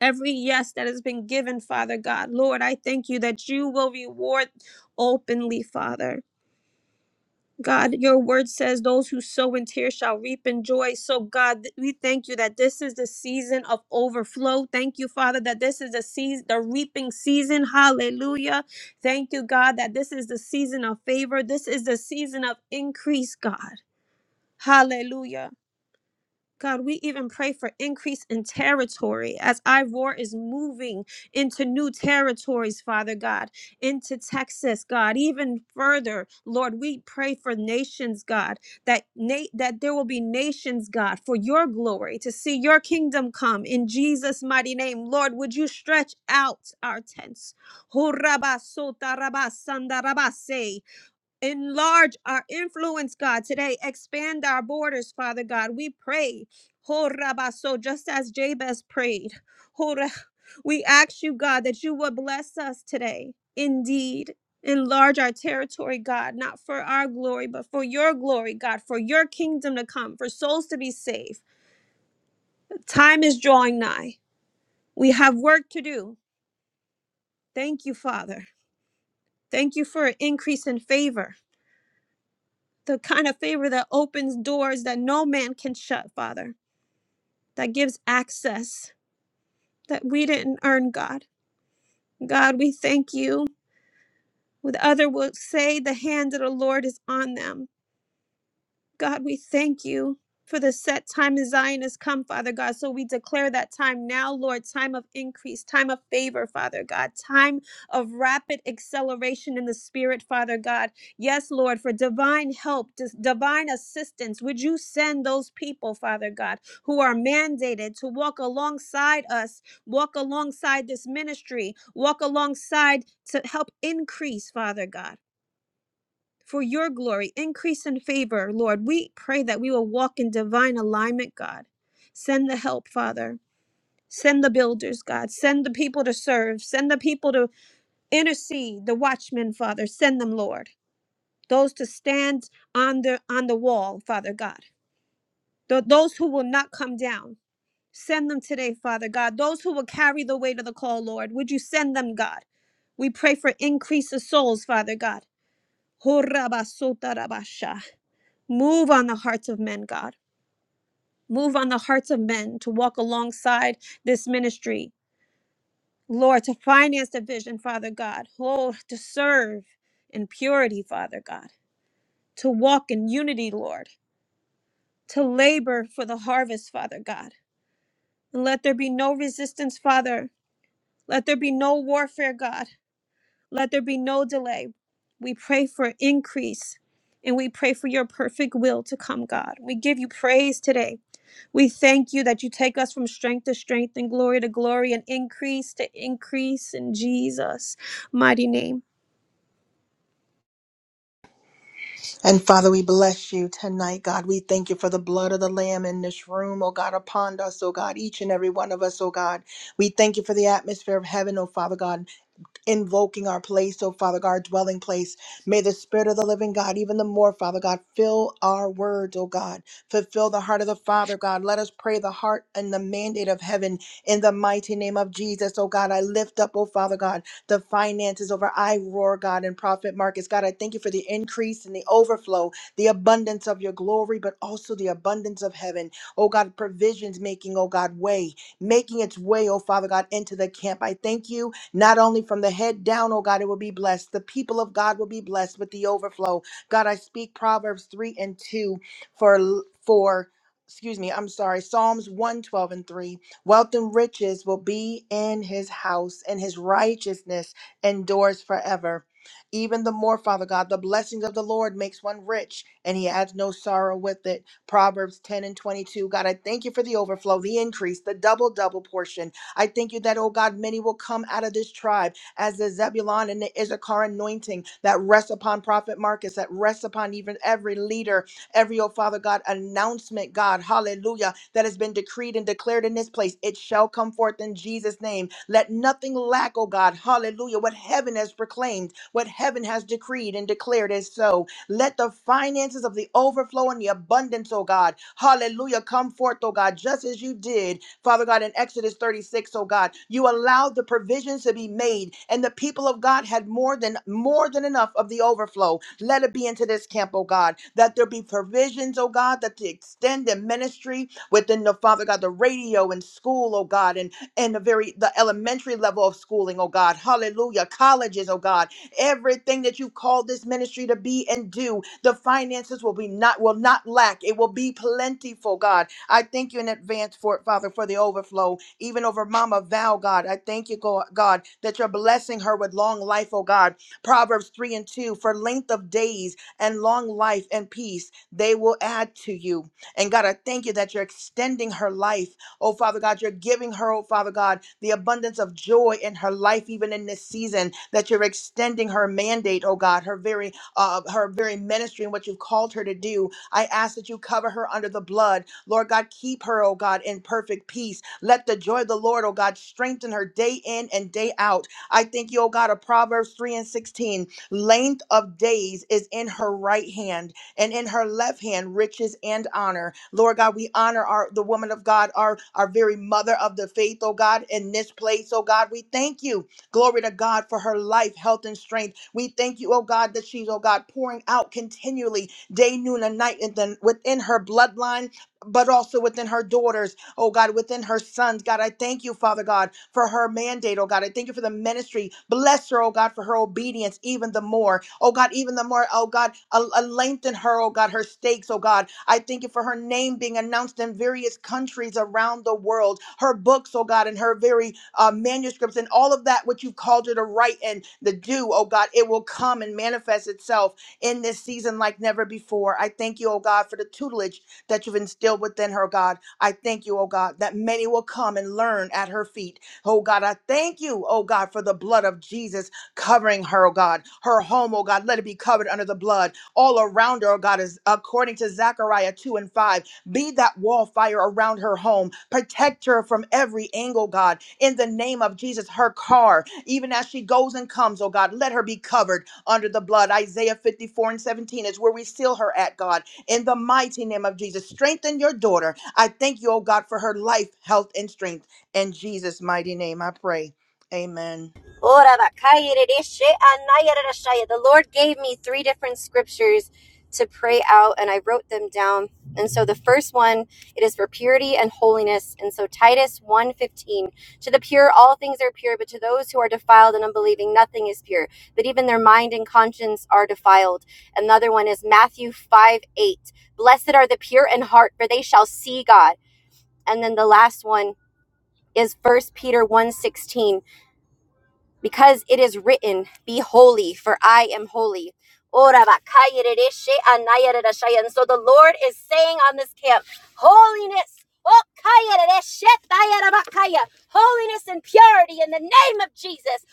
E: every yes that has been given, Father God. Lord, I thank you that you will reward openly, Father. God, your word says those who sow in tears shall reap in joy. So, God, th- we thank you that this is the season of overflow. Thank you, Father, that this is the season, the reaping season. Hallelujah. Thank you, God, that this is the season of favor. This is the season of increase, God. Hallelujah. God, we even pray for increase in territory as Ivor is moving into new territories, Father God, into Texas, God, even further. Lord, we pray for nations, God, that na- that there will be nations, God, for your glory, to see your kingdom come in Jesus' mighty name. Lord, would you stretch out our tents? Hurrabasota rabasanda rabase. Enlarge our influence, God, today. Expand our borders, Father God. We pray. Ho rabaso, Just as Jabez prayed, Ho ra- we ask you, God, that you would bless us today. Indeed, enlarge our territory, God, not for our glory, but for your glory, God, for your kingdom to come, for souls to be saved. Time is drawing nigh. We have work to do. Thank you, Father. Thank you for an increase in favor. the kind of favor that opens doors that no man can shut, Father, that gives access that we didn't earn, God. God, we thank you. With other will say the hand of the Lord is on them. God, we thank you for the set time in Zion has come, Father God. So we declare that time now, Lord, time of increase, time of favor, Father God, time of rapid acceleration in the spirit, Father God. Yes, Lord, for divine help, dis- divine assistance, would you send those people, Father God, who are mandated to walk alongside us, walk alongside this ministry, walk alongside to help increase, Father God for your glory. Increase in favor, Lord. We pray that we will walk in divine alignment, God. Send the help, Father. Send the builders, God. Send the people to serve. Send the people to intercede. The watchmen, Father. Send them, Lord. Those to stand on the on the wall, Father God. Th- those who will not come down. Send them today, Father God. Those who will carry the weight of the call, Lord. Would you send them, God? We pray for increase of souls, Father God. Move on the hearts of men, God. Move on the hearts of men to walk alongside this ministry. Lord, to finance the vision, Father God. Lord, to serve in purity, Father God. To walk in unity, Lord. To labor for the harvest, Father God. And let there be no resistance, Father. Let there be no warfare, God. Let there be no delay. We pray for increase and we pray for your perfect will to come, God. We give you praise today. We thank you that you take us from strength to strength and glory to glory and increase to increase in Jesus' mighty name.
F: And Father, we bless you tonight, God. We thank you for the blood of the Lamb in this room, oh God, upon us, oh God, each and every one of us, oh God. We thank you for the atmosphere of heaven, oh Father God invoking our place, oh Father God, our dwelling place. May the Spirit of the living God, even the more, Father God, fill our words, oh God. Fulfill the heart of the Father, God. Let us pray the heart and the mandate of heaven in the mighty name of Jesus, oh God. I lift up, oh Father God, the finances over I roar, God, and Prophet Marcus, God, I thank you for the increase and the overflow, the abundance of your glory, but also the abundance of heaven. Oh God, provisions making, oh God, way, making its way, oh Father God, into the camp. I thank you not only from the head down, oh God, it will be blessed. The people of God will be blessed with the overflow. God, I speak Proverbs 3 and 2 for for excuse me, I'm sorry, Psalms 112 and 3. Wealth and riches will be in his house, and his righteousness endures forever. Even the more, Father God, the blessings of the Lord makes one rich, and he adds no sorrow with it. Proverbs 10 and 22. God, I thank you for the overflow, the increase, the double, double portion. I thank you that, oh God, many will come out of this tribe as the Zebulon and the Issachar anointing that rests upon Prophet Marcus, that rests upon even every leader, every, oh Father God, announcement, God, hallelujah, that has been decreed and declared in this place. It shall come forth in Jesus' name. Let nothing lack, oh God, hallelujah, what heaven has proclaimed, what heaven has decreed and declared is so. Let the finances of the overflow and the abundance, oh God, hallelujah, come forth, oh God, just as you did Father God, in Exodus 36, O God, you allowed the provisions to be made, and the people of God had more than more than enough of the overflow. Let it be into this camp, oh God, that there be provisions, oh God, that to extend the ministry within the Father God, the radio and school, oh God, and and the very the elementary level of schooling, oh God, hallelujah, colleges, oh God, everything that you've called this ministry to be and do, the finances will be not will not lack. It will be plentiful, God I thank you in advance for it, Father, for the overflow, even over Mama Val, God. I thank you, Go- God, that you're blessing her with long life, oh God. Proverbs 3 and 2 for length of days and long life and peace, they will add to you. And God, I thank you that you're extending her life, oh Father God. You're giving her, oh Father God, the abundance of joy in her life, even in this season, that you're extending her mandate, oh God, her very uh, her very ministry and what you've called her to do. I ask that you cover her under the blood Lord God, keep her, oh God, in perfect peace. Let the joy of the Lord, oh God, strengthen her day in and day out. I thank you, oh God, of Proverbs 3 and 16. Length of days is in her right hand, and in her left hand, riches and honor. Lord God, we honor our the woman of God, our, our very mother of the faith, oh God, in this place, oh God. We thank you. Glory to God for her life, health, and strength. We thank you, oh God, that she's, oh God, pouring out continually day, noon, and night, and then within her bloodline but also within her daughters, oh God, within her sons. God, I thank you, Father God, for her mandate, oh God. I thank you for the ministry. Bless her, oh God, for her obedience even the more. Oh God, even the more, oh God, a, a lengthen her, oh God, her stakes, oh God. I thank you for her name being announced in various countries around the world, her books, oh God, and her very uh, manuscripts and all of that which you've called her to write and to do, oh God, it will come and manifest itself in this season like never before. I thank you, oh God, for the tutelage that you've instilled within her, God. I thank you, oh God, that many will come and learn at her feet. Oh God, I thank you, oh God, for the blood of Jesus covering her, oh God. Her home, oh God, let it be covered under the blood. All around her, oh God, is according to Zechariah 2 and 5. Be that wall fire around her home. Protect her from every angle, God. In the name of Jesus, her car, even as she goes and comes, oh God, let her be covered under the blood. Isaiah 54 and 17 is where we seal her at, God in the mighty name of Jesus. Strengthen your daughter. I thank you, oh God, for her life, health, and strength. In Jesus' mighty name, I pray. Amen.
G: The Lord gave me three different scriptures to pray out, and I wrote them down. And so the first one, it is for purity and holiness. And so Titus one fifteen: to the pure, all things are pure, but to those who are defiled and unbelieving, nothing is pure. But even their mind and conscience are defiled. Another one is Matthew 5, 8. Blessed are the pure in heart, for they shall see God. And then the last one is First Peter one sixteen because it is written, Be holy, for I am holy. And so the Lord is saying on this camp, Holiness, holiness and purity in the name of Jesus.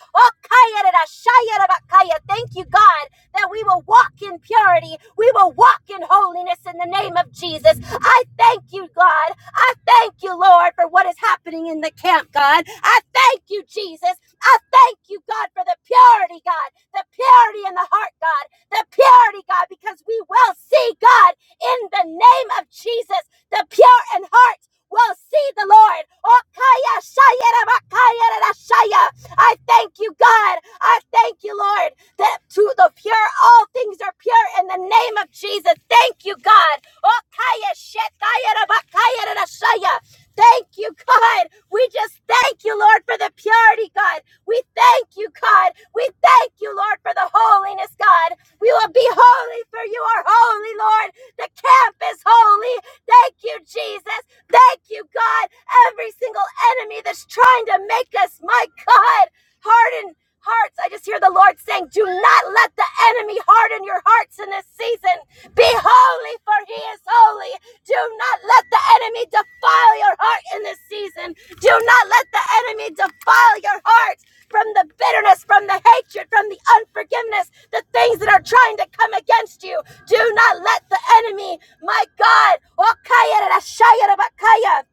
G: Thank you, God, that we will walk in purity. We will walk in holiness in the name of Jesus. I thank you, God. I thank you, Lord, for what is happening in the camp, God. I thank you, Jesus. I thank you, God, for the purity, God, the purity in the heart, God, the purity, God, because we will see, God, in the name of Jesus, the pure in heart will see the Lord. Okaya shayera bakaya rara shaya. I thank you, God. I thank you, Lord, that to the pure, all things are pure in the name of Jesus. Thank you, God. Okaya shetaya rara bakaya rara shaya. Thank you, God. We just thank you, Lord, for the purity, God. We thank you, God. We thank you, Lord, for the holiness, God. We will be holy for you are holy, Lord. The camp is holy. Thank you, Jesus. Thank you, God. Every single enemy that's trying to make us, my God, harden hearts. I just hear the Lord saying, Do not let the enemy harden your hearts in this season. Be holy, for he is holy. Do not let the enemy defile your heart in this season. Do not let the enemy defile your heart from the bitterness, from the hatred, from the unforgiveness, the things that are trying to come against you. Do not let the enemy, my God,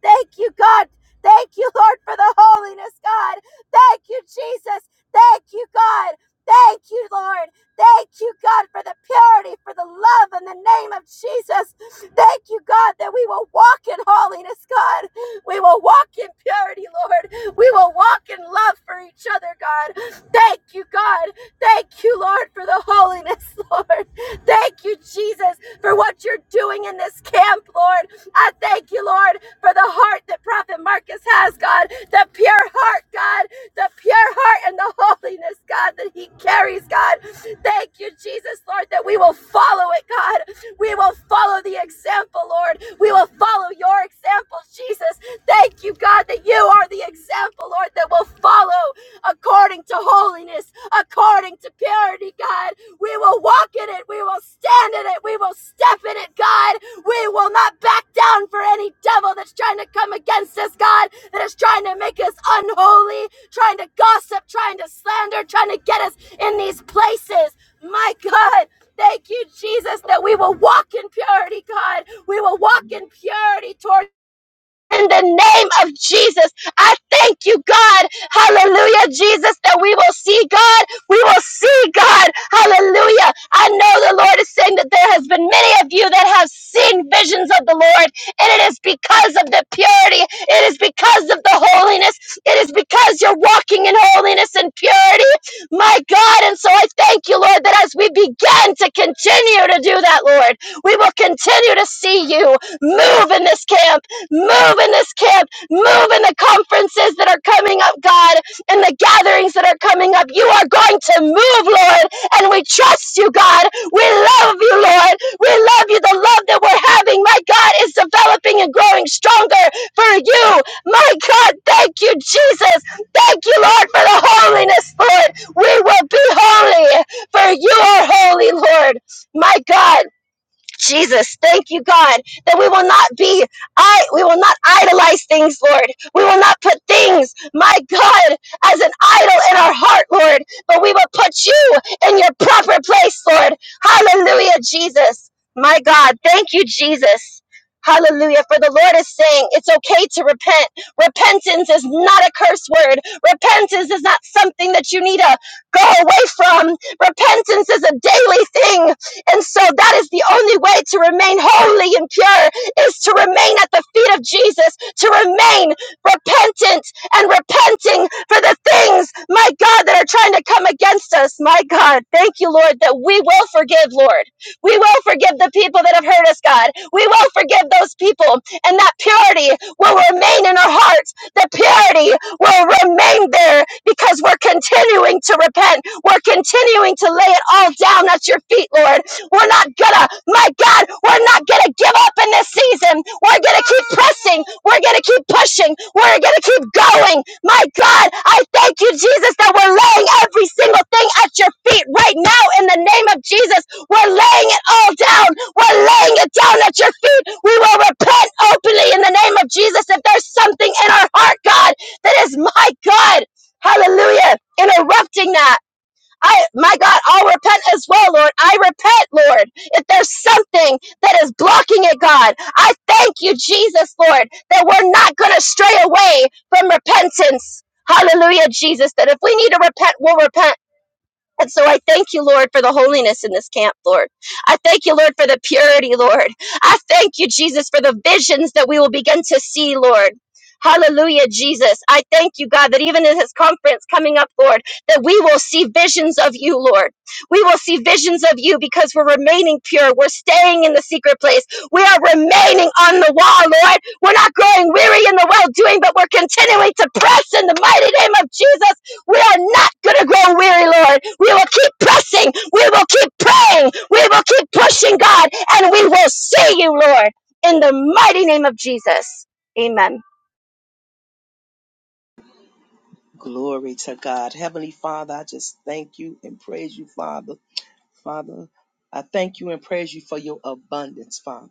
G: thank you, God. Thank you, Lord, for the holiness, God. Thank you, Jesus. Thank you, God. Thank you, Lord. Thank you, God, for the purity, for the love in the name of Jesus. Thank you, God, that we will walk in holiness, God. We will walk in purity, Lord. We will walk in love for each other, God. Thank you, God. Thank you, Lord, for the holiness, Lord. Thank you, Jesus, for what you're doing in this camp, Lord. I thank you, Lord, for the the heart that Prophet Marcus has, God, the pure heart, God, the pure heart and the holiness, God, that he carries, God. Thank you, Jesus, Lord, that we will follow it, God. We will follow the example, Lord. We will follow your example, Jesus. Thank you, God, that you are the example, Lord, that will follow according to holiness, according to purity prosperity, God. We will walk in it. We will stand in it. We will step in it, God. We will not back down for any devil that's trying to come against us, God, that is trying to make us unholy, trying to gossip, trying to slander, trying to get us in these places. My God. Thank you, Jesus, that we will walk in purity, God. We will walk in purity toward in the name of Jesus. I thank you, God. Hallelujah, Jesus, that we will see God. We will see God. Hallelujah. I know the Lord is saying that there has been many of you that have seen visions of the Lord, and it is because of the purity. It is because of the holiness. It is because you're walking in holiness and purity. My God, and so I thank you, Lord, that as we begin to continue to do that, Lord, we will continue to see you move in this camp Move in this camp. Move in the conferences that are coming up, God, and the gatherings that are coming up. You are going to move, Lord, and we trust you, God. We love you, Lord. We love you. The love that we're having, my God, is developing and growing stronger for you. My God, thank you, Jesus. Thank you, Lord, for the holiness, Lord. We will be holy, for you are holy, Lord. My God. Jesus, thank you, God, that we will not be, I, we will not idolize things, Lord. We will not put things, my God, as an idol in our heart, Lord, but we will put you in your proper place, Lord. Hallelujah, Jesus. My God, thank you, Jesus. Hallelujah. For the Lord is saying it's okay to repent. Repentance is not a curse word. Repentance is not something that you need to go away from. Repentance is a daily thing. And so that is the only way to remain holy and pure is to remain at the feet of Jesus, to remain repentant and repenting for the things, my God, that are trying to come against us. My God, thank you, Lord, that we will forgive, Lord. We will forgive the people that have hurt us, God. We will forgive those people, and that purity will remain in our hearts the purity will remain there because we're continuing to repent. We're continuing to lay it all down at your feet, Lord. We're not gonna, my God, we're not gonna give up in this season. We're gonna keep pressing. We're gonna keep pushing. We're gonna keep going. My God, I thank you, Jesus, that we're laying every single thing at your feet right now in the name of Jesus. We're laying it all down. We're laying it down at your feet. We will repent openly in the name of Jesus if there's something in our heart, God, that is my God. Hallelujah. Interrupting that. I, my God, I'll repent as well, Lord. I repent, Lord. If there's something that is blocking it, God, I thank you, Jesus, Lord, that we're not going to stray away from repentance. Hallelujah, Jesus, that if we need to repent, we'll repent. And so I thank you, Lord, for the holiness in this camp, Lord. I thank you, Lord, for the purity, Lord. I thank you, Jesus, for the visions that we will begin to see, Lord. Hallelujah, Jesus. I thank you, God, that even in this conference coming up, Lord, that we will see visions of you, Lord. We will see visions of you because we're remaining pure. We're staying in the secret place. We are remaining on the wall, Lord. We're not growing weary in the well doing, but we're continuing to press in the mighty name of Jesus. We are not gonna grow weary, Lord. We will keep pressing. We will keep praying. We will keep pushing, God, and we will see you, Lord, in the mighty name of Jesus. Amen.
H: Glory to God. Heavenly Father, I just thank you and praise you, Father. Father, I thank you and praise you for your abundance, Father,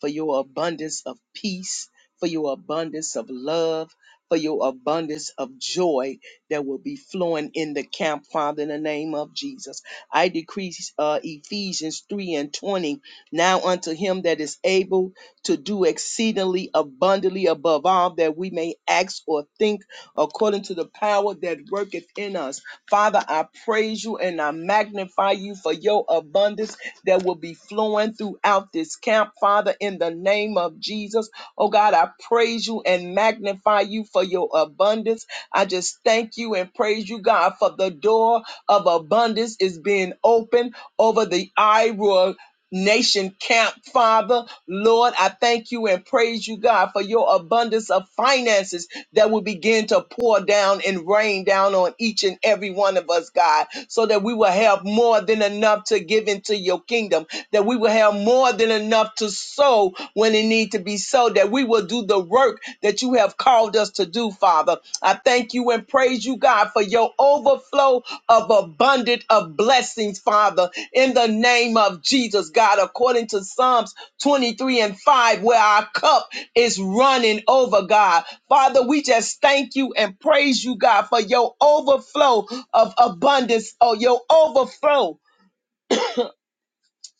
H: for your abundance of peace, for your abundance of love, for your abundance of joy that will be flowing in the camp, Father, in the name of Jesus. I decree uh, Ephesians 3 and 20. Now unto him that is able to do exceedingly abundantly above all that we may ask or think, according to the power that worketh in us. Father, I praise you and I magnify you for your abundance that will be flowing throughout this camp, Father, in the name of Jesus. Oh God, I praise you and magnify you for your abundance. I just thank you and praise you, God, for the door of abundance is being opened over the Iowa nation camp, Father. Lord, I thank you and praise you, God, for your abundance of finances that will begin to pour down and rain down on each and every one of us, God, so that we will have more than enough to give into your kingdom, that we will have more than enough to sow when it need to be sowed, that we will do the work that you have called us to do, Father. I thank you and praise you, God, for your overflow of abundant of blessings, Father, in the name of Jesus, God, according to Psalms 23 and 5, where our cup is running over, God. Father, we just thank you and praise you, God, for your overflow of abundance or your overflow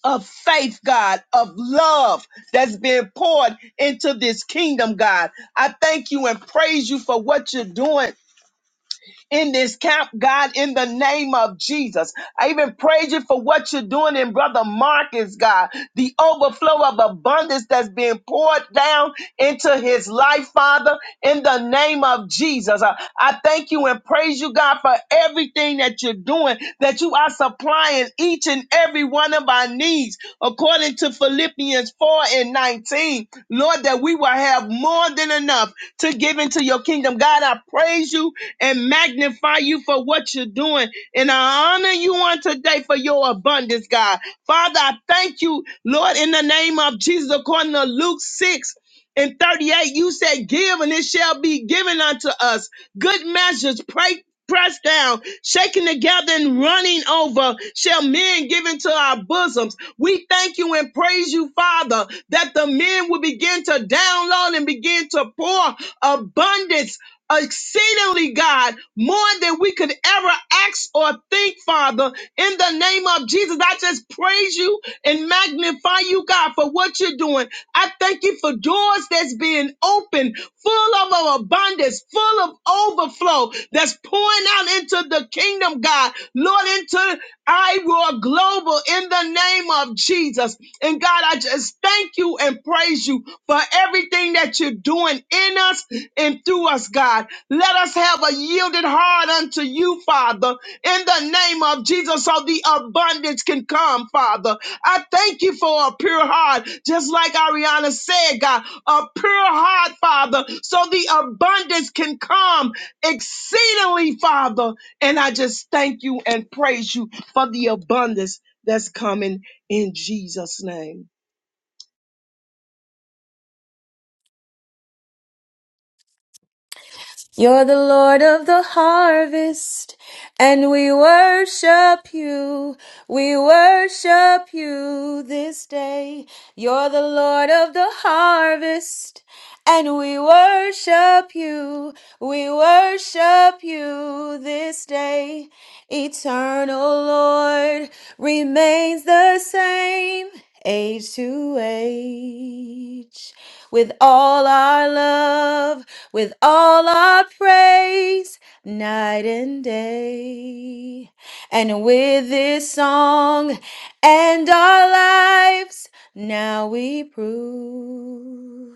H: of faith, God, of love that's being poured into this kingdom, God. I thank you and praise you for what you're doing in this camp, God, in the name of Jesus. I even praise you for what you're doing in Brother Marcus, God, the overflow of abundance that's being poured down into his life, Father, in the name of Jesus. I, I thank you and praise you, God, for everything that you're doing, that you are supplying each and every every one of our needs according to Philippians 4 and 19. Lord, that we will have more than enough to give into your kingdom. God, I praise you and magnify you for what you're doing. And I honor you on today for your abundance, God. Father, I thank you, Lord, in the name of Jesus, according to Luke 6 and 38, you said, Give and it shall be given unto us. Good measures, pray. Pressed down, shaken together, and running over, shall men give into our bosoms. We thank you and praise you, Father, that the men will begin to download and begin to pour abundance exceedingly, God, more than we could ever ask or think, Father. In the name of Jesus, I just praise you and magnify you, God, for what you're doing. I thank you for doors that's being opened, full of abundance, full of overflow, that's pouring out into the kingdom, God. God. Lord, into Iroa global in the name of Jesus. And God, I just thank you and praise you for everything that you're doing in us and through us, God. Let us have a yielded heart unto you, Father, in the name of Jesus, so the abundance can come, Father. I thank you for a pure heart, just like Ariana said, God, a pure heart, Father, so the abundance can come exceedingly, Father. And I just thank you and praise you for the abundance that's coming in Jesus' name.
I: You're the Lord of the harvest, and we worship you. We worship you this day. You're the Lord of the harvest, and we worship you. We worship you this day. Eternal Lord remains the same, age to age with all our love, with all our praise, night and day. And with this song and our lives, now we prove.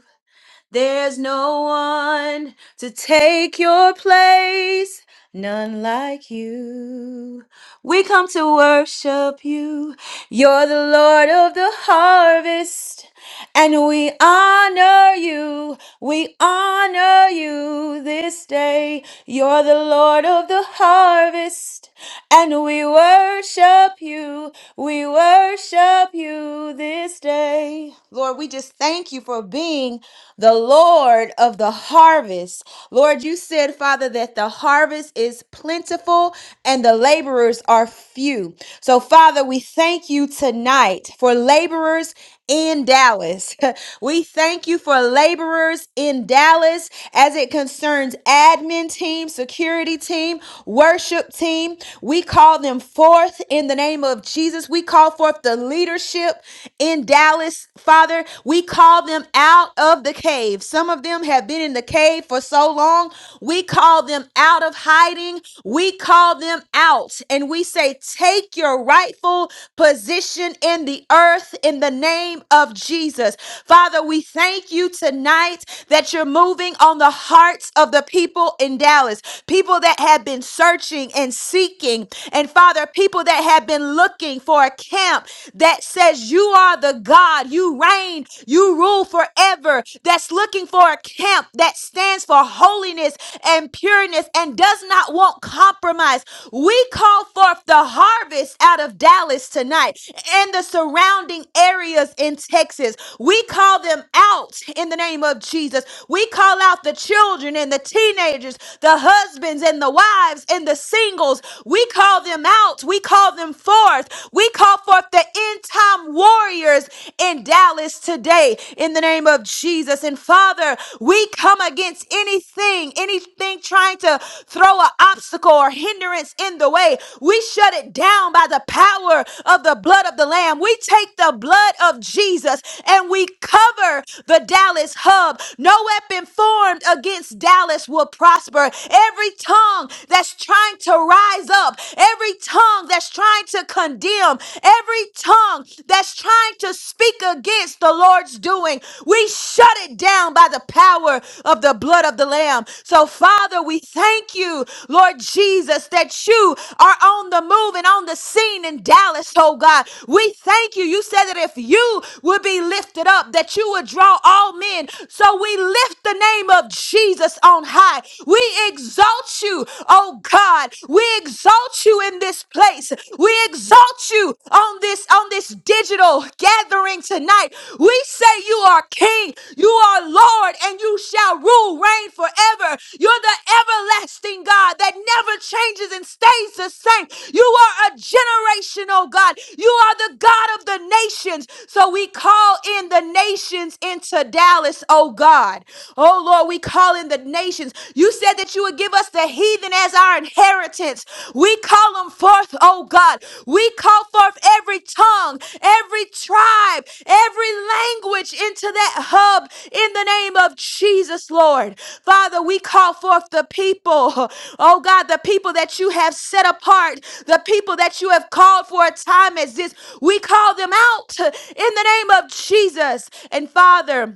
I: There's no one to take your place, none like you. We come to worship you. You're the Lord of the harvest, and we honor you. We honor you this day. You're the Lord of the harvest, and we worship you. We worship you this day. Lord, we just thank you for being the Lord of the harvest. Lord, you said, Father, that the harvest is plentiful and the laborers are few. So, Father, we thank you tonight for laborers in Dallas. we thank you for laborers laborers in Dallas as it concerns admin team, security team, worship team. We call them forth in the name of Jesus. We call forth the leadership in Dallas, Father. We call them out of the cave. Some of them have been in the cave for so long. We call them out of hiding. We call them out and we say, Take your rightful position in the earth in the name of Jesus. Father, we thank you tonight tonight that you're moving on the hearts of the people in Dallas, people that have been searching and seeking, and Father, people that have been looking for a camp that says you are the God, you reign, you rule forever, that's looking for a camp that stands for holiness and pureness and does not want compromise. We call forth the harvest out of Dallas tonight and the surrounding areas in Texas. We call them out in the name name of Jesus. We call out the children and the teenagers, the husbands and the wives and the singles. We call them out. We call them forth. We call forth the end time warriors in Dallas today in the name of Jesus. And Father, we come against anything, anything trying to throw an obstacle or hindrance in the way. We shut it down by the power of the blood of the Lamb. We take the blood of Jesus and we cover the Dallas this hub. No weapon formed against Dallas will prosper. Every tongue that's trying to rise up, every tongue that's trying to condemn, every tongue that's trying to speak against the Lord's doing, we shut it down by the power of the blood of the Lamb. So, Father, we thank you, Lord Jesus, that you are on the move and on the scene in Dallas, oh God. We thank you. You said that if you would be lifted up, that you would draw all men men. So we lift the name of Jesus on high. We exalt you, oh God. We exalt you in this place. We exalt you on this on this digital gathering tonight. We say you are king, you are Lord, and you shall rule, reign forever. You're the everlasting God that never changes and stays the same. You are a generational God. You are the God of the nations. So we call in the nations in today. Dallas, oh God. Oh Lord, we call in the nations. You said that you would give us the heathen as our inheritance. We call them forth, oh God. We call forth every tongue, every tribe, every language into that hub in the name of Jesus, Lord. Father, we call forth the people, oh God, the people that you have set apart, the people that you have called for a time as this. We call them out in the name of Jesus. And Father,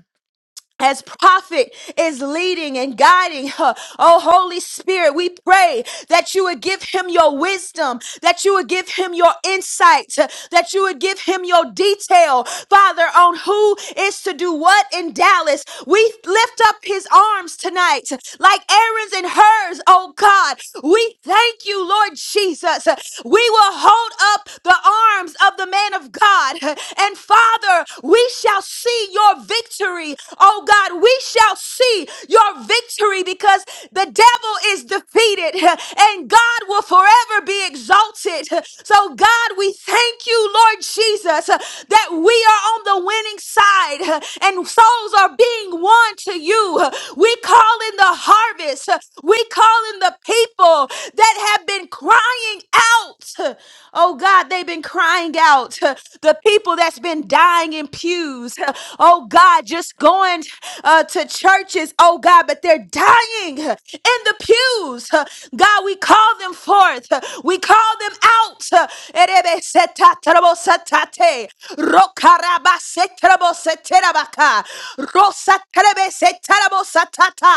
I: as prophet is leading and guiding her. Oh, Holy Spirit, we pray that you would give him your wisdom, that you would give him your insight, that you would give him your detail, Father, on who is to do what in Dallas. We lift up his arms tonight, like Aaron's and hers, oh God. We thank you, Lord Jesus. We will hold up the arms of the man of God. And Father, we shall see your victory. Oh God, we shall see your victory because the devil is defeated and God will forever be exalted. So, God, we thank you, Lord Jesus, that we are on the winning side and souls are being won to you. We call in the harvest, we call in the people that have been crying out. Oh God, they've been crying crying out, uh, the people that's been dying in pews, uh, oh God, just going uh, to churches, oh God, but they're dying uh, in the pews. Uh, God, we call them forth, uh, we call them out. Erebesetatarobosetate, rokarabasetaraboseterabaka, rosaterebesetarabosetata,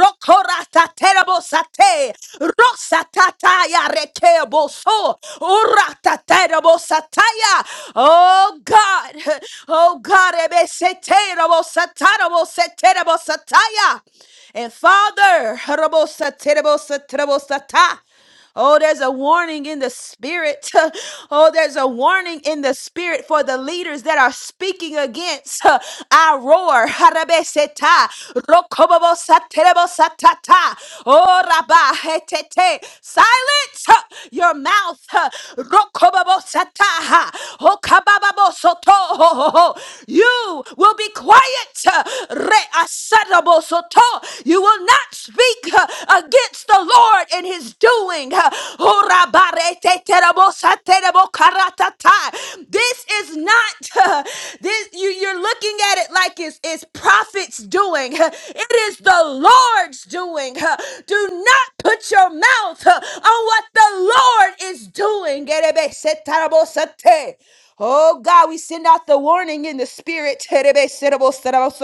I: rokorataterabosetate, rosatataya, Arekeboso. Orataterabosataya. Oh God. Oh God. Ebeseterabosataraboseterabosataya. And Father, Harabosaterabosaterabosatai. Oh, there's a warning in the spirit. Oh, there's a warning in the spirit for the leaders that are speaking against our roar. Harabeseta, rokobobosaterebosatata. Oh, Rabba, he, silence huh, your mouth. huh. Rokobabosata, ha. Okabababosoto, ho, ho, ho. You will be quiet. huh. Reasadabosoto. You will not speak huh, against the Lord in his doing. huh. Oh, Rabba, re, This is not, this you, you're looking at it like it's, it's prophets doing doing. It is the Lord's doing. Do not put your mouth on what the Lord is doing. Oh God, we send out the warning in the spirit. Oh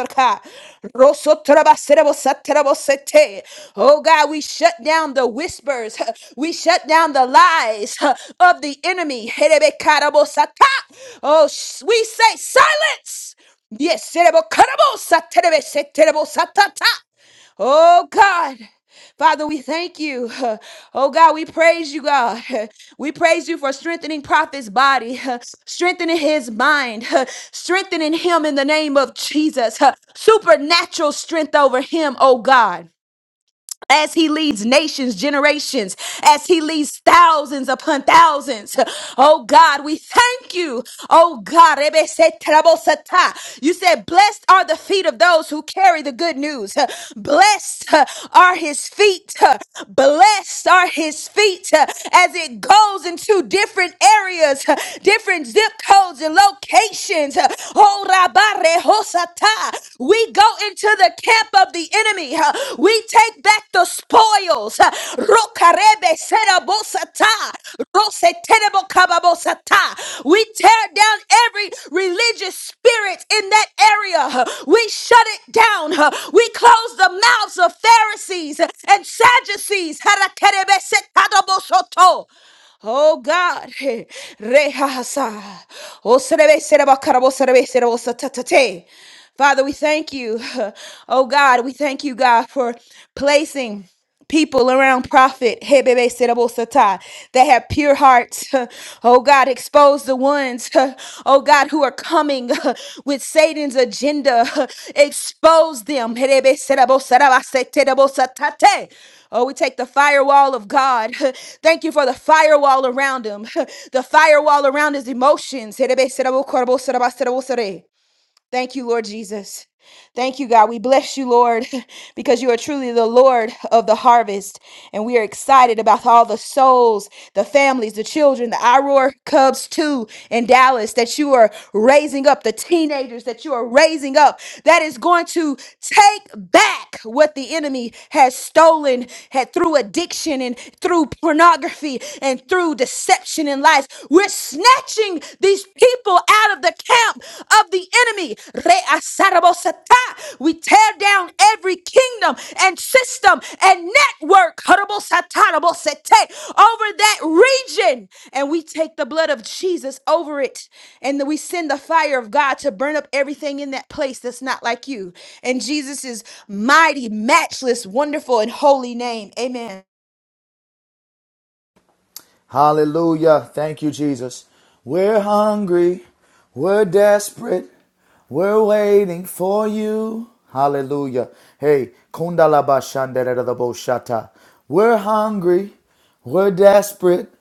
I: God, we shut down the whispers. We shut down the lies of the enemy. Oh, sh- we say silence. Yes, serebo karabo saterebe seterebo satata. Oh God. Father, we thank you. Oh God, we praise you, God. We praise you for strengthening prophet's body, strengthening his mind, strengthening him in the name of Jesus. Supernatural strength over him, oh God as he leads nations, generations, as he leads thousands upon thousands. Oh God, we thank you. Oh God, Rebe se trabo sata. you said, Blessed are the feet of those who carry the good news. Blessed are his feet. Blessed are his feet as it goes into different areas, different zip codes and locations. Oh, rabare hosata. we go into the camp of the the enemy. Uh, We take back the spoils. Uh, Rokarebe serabosata, rosetenebokababosata. We tear down every religious spirit in that area. Uh, We shut it down. Uh, We close the mouths of Pharisees and Sadducees. Harakerebe setadobosoto. Oh God, hey, Rehasa. Oh, serebe, sereba, karabo, serebe, serebo, satatate. Father, we thank you. Oh God, we thank you, God, for placing people around prophet Hebebe Serebo that have pure hearts. Oh God, expose the ones, oh God, who are coming with Satan's agenda. Expose them. Oh, we take the firewall of God. Thank you for the firewall around him. The firewall around his emotions. Thank you, Lord Jesus. Thank you, God. We bless you, Lord, because you are truly the Lord of the harvest. And we are excited about all the souls, the families, the children, the Iroar Cubs, too, in Dallas, that you are raising up, the teenagers that you are raising up, that is going to take back what the enemy has stolen had through addiction addiction and through pornography and through deception and lies. We're snatching these people out of the camp of the enemy. Re asarabosata. We tear down every kingdom and system and network harabosatarabosetai, over that region. And we take the blood of Jesus over it. And then we send the fire of God to burn up everything in that place that's not like you. And Jesus' mighty, matchless, wonderful, and holy name. Amen.
J: Hallelujah. Thank you, Jesus. We're hungry. We're desperate. We're waiting for you. Hallelujah. Hey, kundalabashanderada boshata. We're hungry. We're desperate.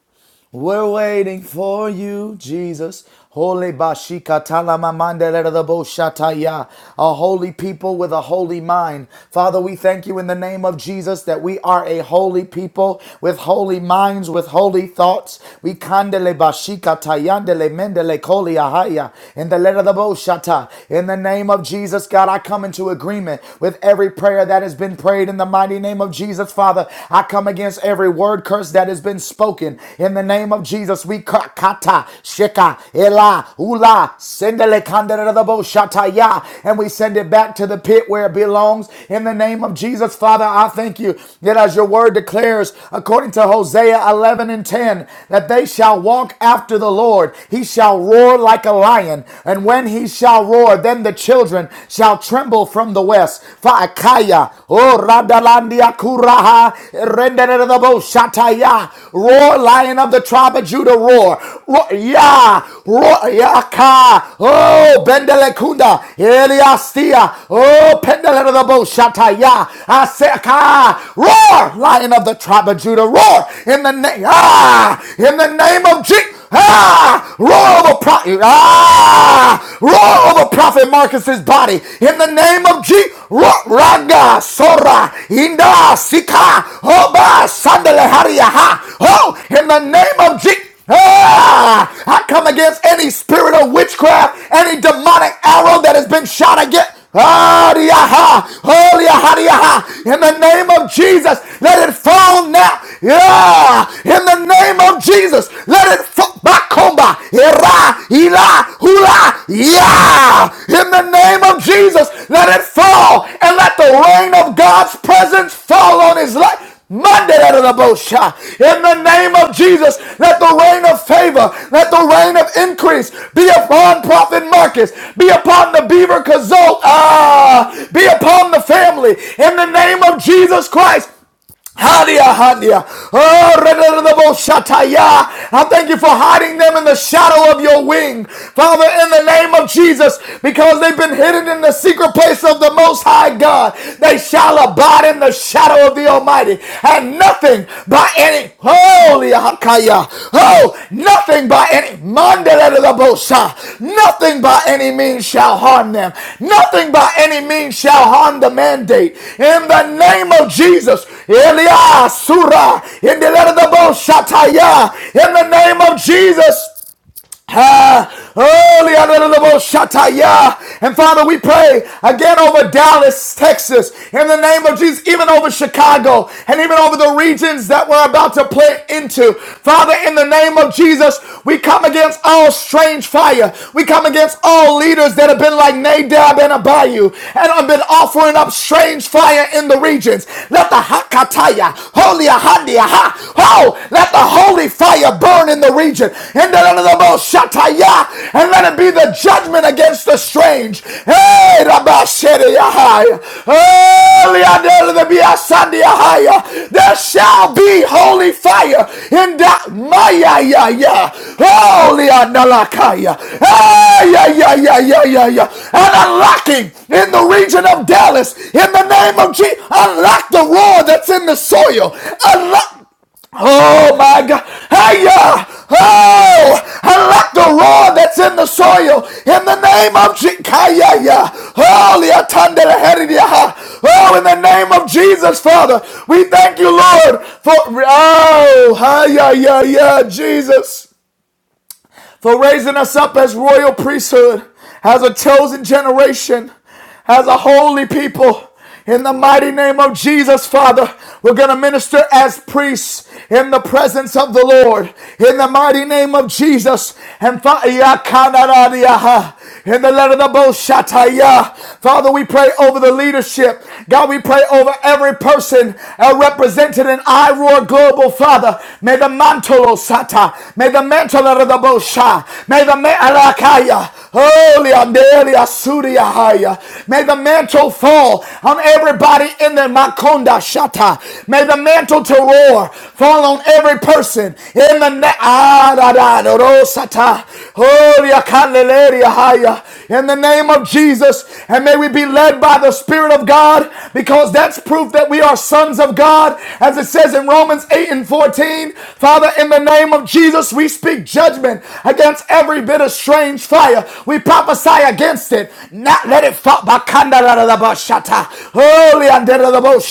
J: We're waiting for you, Jesus. Holy Bashika Talamamandelereboshataya. A holy people with a holy mind. Father, we thank you in the name of Jesus that we are a holy people with holy minds, with holy thoughts. We kandele bashika tayandele mendele koli ahaya. In the letter of the boshata. In the name of Jesus, God, I come into agreement with every prayer that has been prayed in the mighty name of Jesus, Father. Father. I come against every word curse that has been spoken. In the name of Jesus, we kata, sheka, ela, ula, sendele kandarabo shataya, and we send it back to the pit where it belongs. In the name of Jesus, Father, I thank you that as your word declares, according to Hosea 11 and 10, that they shall walk after the Lord. He shall roar like a lion, and when he shall roar, then the children shall tremble from from the west. Faakaya. Oh, Radalandia Kuraha. Rendenerabo Shataya. Roar, lion of the tribe of Judah, roar. Roar, ya. Roar, yaka. Oh, Bendelekunda. Eliastia. Oh, Pendelerabo Shataya. Aseka. Roar, lion of the tribe of Judah, roar. In the name, ah, in the name of Jesus. Ah, roar of a pro- ah. Ah! Roar over Prophet Marcus's body in the name of Jesus. Raga Sora Inda Sika Hoba Sandale Hariaha. Oh, in the name of Jesus. Ah, I come against any spirit of witchcraft, any demonic arrow that has been shot against. Ariyaha, Oriyaha, In the name of Jesus, let it fall now. Yeah. In the name of Jesus, let it fall. Bakomba, Era, Ila, Hula, Yeah. In the name of Jesus, let it fall and let the rain of God's presence fall on his life. Mandarabosha. In the name of Jesus, let the rain of favor, let the rain of increase be upon Prophet Marcus, be upon the Beaver Kazult, ah, be upon the family. In the name of Jesus Christ, Hadia, hadia. Oh, redadadabo shataya. I thank you for hiding them in the shadow of your wing. Father, in the name of Jesus, because they've been hidden in the secret place of the Most High God, they shall abide in the shadow of the Almighty. And nothing by any, holy. Oh, nothing by any Mandelelelabosa. Nothing by any means shall harm them. Nothing by any means shall harm the mandate. In the name of Jesus. Elia Surah. In the letter of the Boshataya. In the name of Jesus. Ah, early under the shataya. And Father, we pray again over Dallas, Texas, in the name of Jesus, even over Chicago, and even over the regions that we're about to play into. Father, in the name of Jesus, we come against all strange fire. We come against all leaders that have been like Nadab and Abihu and have been offering up strange fire in the regions. Let the Hakataya Holy ahadi aha. Oh, let the holy fire burn in the region. In the name of the And let it be the judgment against the strange. Hey, Rabashiri Yahaya. Holy adel the biasandi Yahaya. There shall be holy fire in that Maya ya ya. Holy adalakaya. Hey, yeah, yeah, yeah, yeah, yeah, yeah. And unlocking in the region of Dallas. In the name of Jesus, unlock the roar that's in the soil. Unlock. Oh my God. Hiya! Oh! Unlock the roar that's in the soil in the name of Jesus. Oh, in the name of Jesus, Father, we thank you, Lord, for. Oh, hiya, yeah, yeah, yeah, Jesus for raising us up as royal priesthood, as a chosen generation, as a holy people. In the mighty name of Jesus, Father, we're going to minister as priests in the presence of the Lord. In the mighty name of Jesus. And Fa- in the letter of the Boshataya. Father, we pray over the leadership. God, we pray over every person uh, represented in IROAR Global, Father. May the mantle mantolo sata. May the mantle of the bosha. May the alakaya. Holy andelia suria haya. May the mantle fall on everybody in the makonda shata. May the mantle to roar fall on every person in the na- ah, Holy akaleleria haya. In the name of Jesus, and may we be led by the Spirit of God, because that's proof that we are sons of God. As as it says in Romans 8 and 14, Father, in the name of Jesus, we speak judgment against every bit of strange fire. We prophesy against it. Not let it fall. Holy and As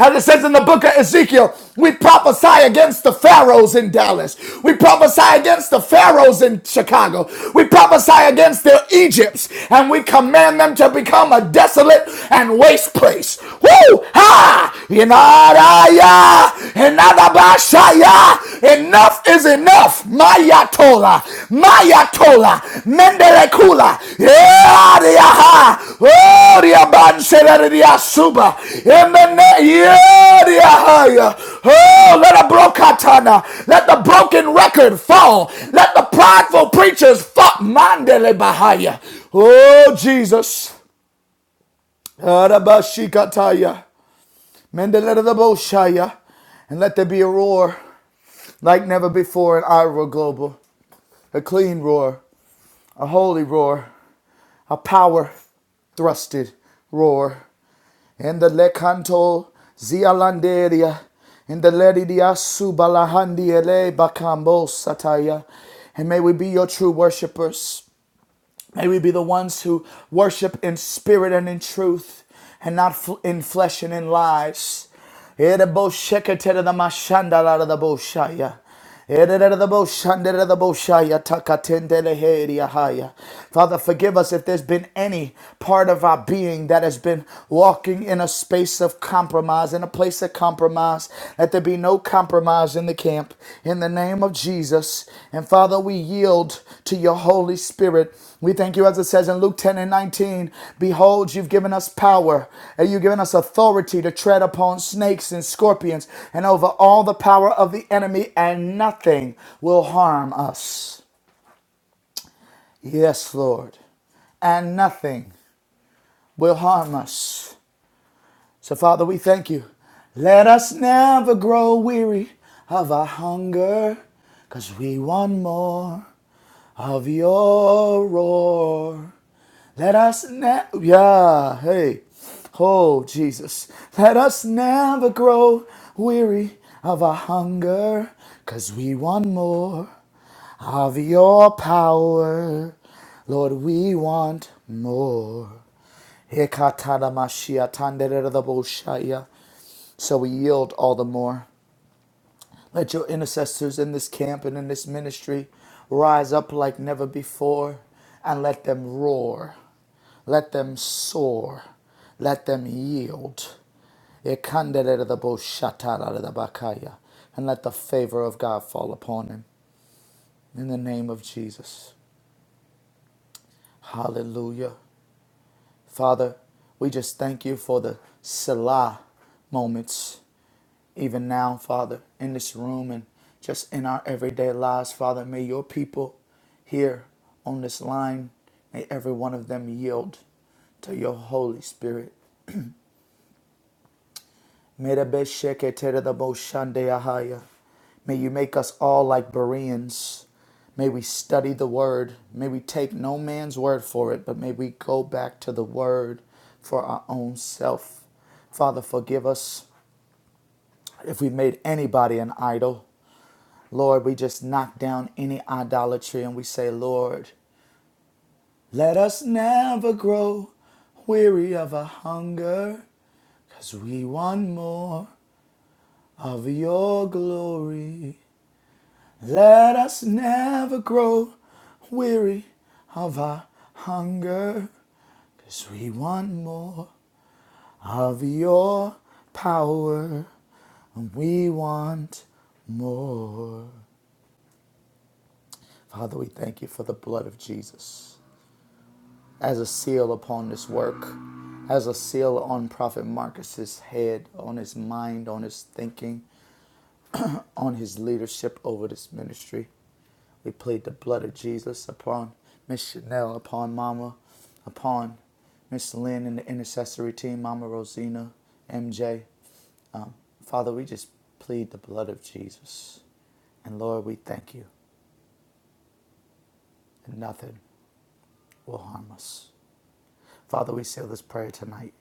J: it says in the book of Ezekiel, we prophesy against the pharaohs in Dallas. We prophesy against the pharaohs in Chicago. We prophesy against their Egypts and we command them to become a desolate and waste place. Woo! Ha! Inaraya! Inadabashaya! Enough is enough. Mayatola. Mayatola, Mendelekula, Yariaha, Oria Banseleria Suba, Emene Yariahaya. Oh, let a brokatana, let the broken record fall, let the prideful preachers fuck Mandele Bahaya. Oh, Jesus. Arabashikataya, Mendelere the Boshaya, and let there be a roar like never before in Iowa Global, a clean roar, a holy roar. a power thrusted roar, and the lecanto zialanderia, and the ledidia subalahandiele bacambo sataya. And may we be your true worshipers. May we be the ones who worship in spirit and in truth and not in flesh and in lies. Father, forgive us if there's been any part of our being that has been walking in a space of compromise, in a place of compromise. Let there be no compromise in the camp in the name of Jesus. And Father, we yield to your Holy Spirit. We thank you, as it says in Luke 10 and 19 Behold, you've given us power, and you've given us authority to tread upon snakes and scorpions, and over all the power of the enemy, and nothing will harm us. Yes, Lord and nothing will harm us. So, Father, we thank you. Let us never grow weary of our hunger, because we want more. of your roar. Let us now, ne- yeah, hey, oh Jesus, let us never grow weary of our hunger 'cause we want more of your power. Lord, we want more. So we yield all the more. Let your intercessors in this camp and in this ministry rise up like never before and let them roar. Let them soar. Let them yield. Ekanderedaboshatarabakaya. And let the favor of God fall upon him. In the name of Jesus. Hallelujah. Father, we just thank you for the Selah moments even now, Father, in this room and just in our everyday lives, Father. May your people here on this line, may every one of them yield to your Holy Spirit. Merabesheketeredaboshandeyahaya. May you make us all like Bereans. May we study the word. May we take no man's word for it, but may we go back to the word for our own self. Father, forgive us if we made anybody an idol. Lord, we just knock down any idolatry and we say, Lord, let us never grow weary of our hunger, because we want more of your glory. Let us never grow weary of our hunger, because we want more of your power. And we want more. Father, we thank you for the blood of Jesus. as a seal upon this work, as a seal on Prophet Marcus's head, on his mind, on his thinking, on his leadership over this ministry. We plead the blood of Jesus upon Miss Chanel, upon Mama, upon Miss Lynn and the intercessory team, Mama Rosina, MJ. Um, Father, we just plead the blood of Jesus. And Lord, we thank you that nothing will harm us. Father, we seal this prayer tonight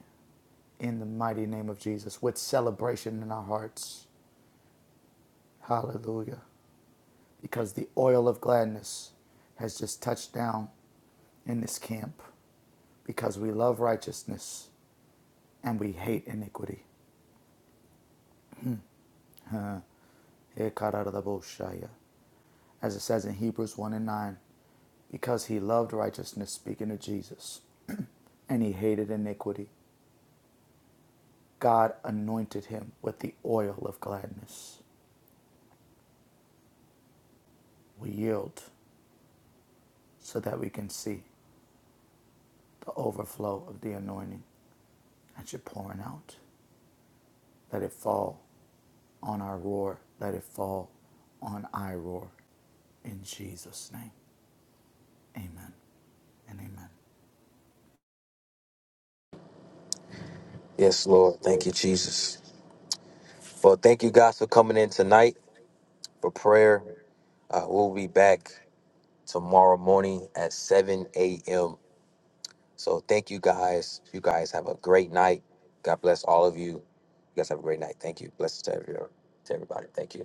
J: in the mighty name of Jesus with celebration in our hearts. Hallelujah. Because the oil of gladness has just touched down in this camp because we love righteousness and we hate iniquity. Ekaradaboshaya. As it says in Hebrews 1 and 9, because he loved righteousness, speaking of Jesus, and he hated iniquity, God anointed him with the oil of gladness. We yield so that we can see the overflow of the anointing. That you're pouring out. Let it fall on our roar. Let it fall on I roar. In Jesus' name. Amen and amen.
A: Yes, Lord. Thank you, Jesus. Well, thank you guys for coming in tonight for prayer. Uh, we'll be back tomorrow morning at 7 a.m. So thank you guys. You guys have a great night. God bless all of you. You guys have a great night. Thank you. Blessings to every- to everybody. Thank you.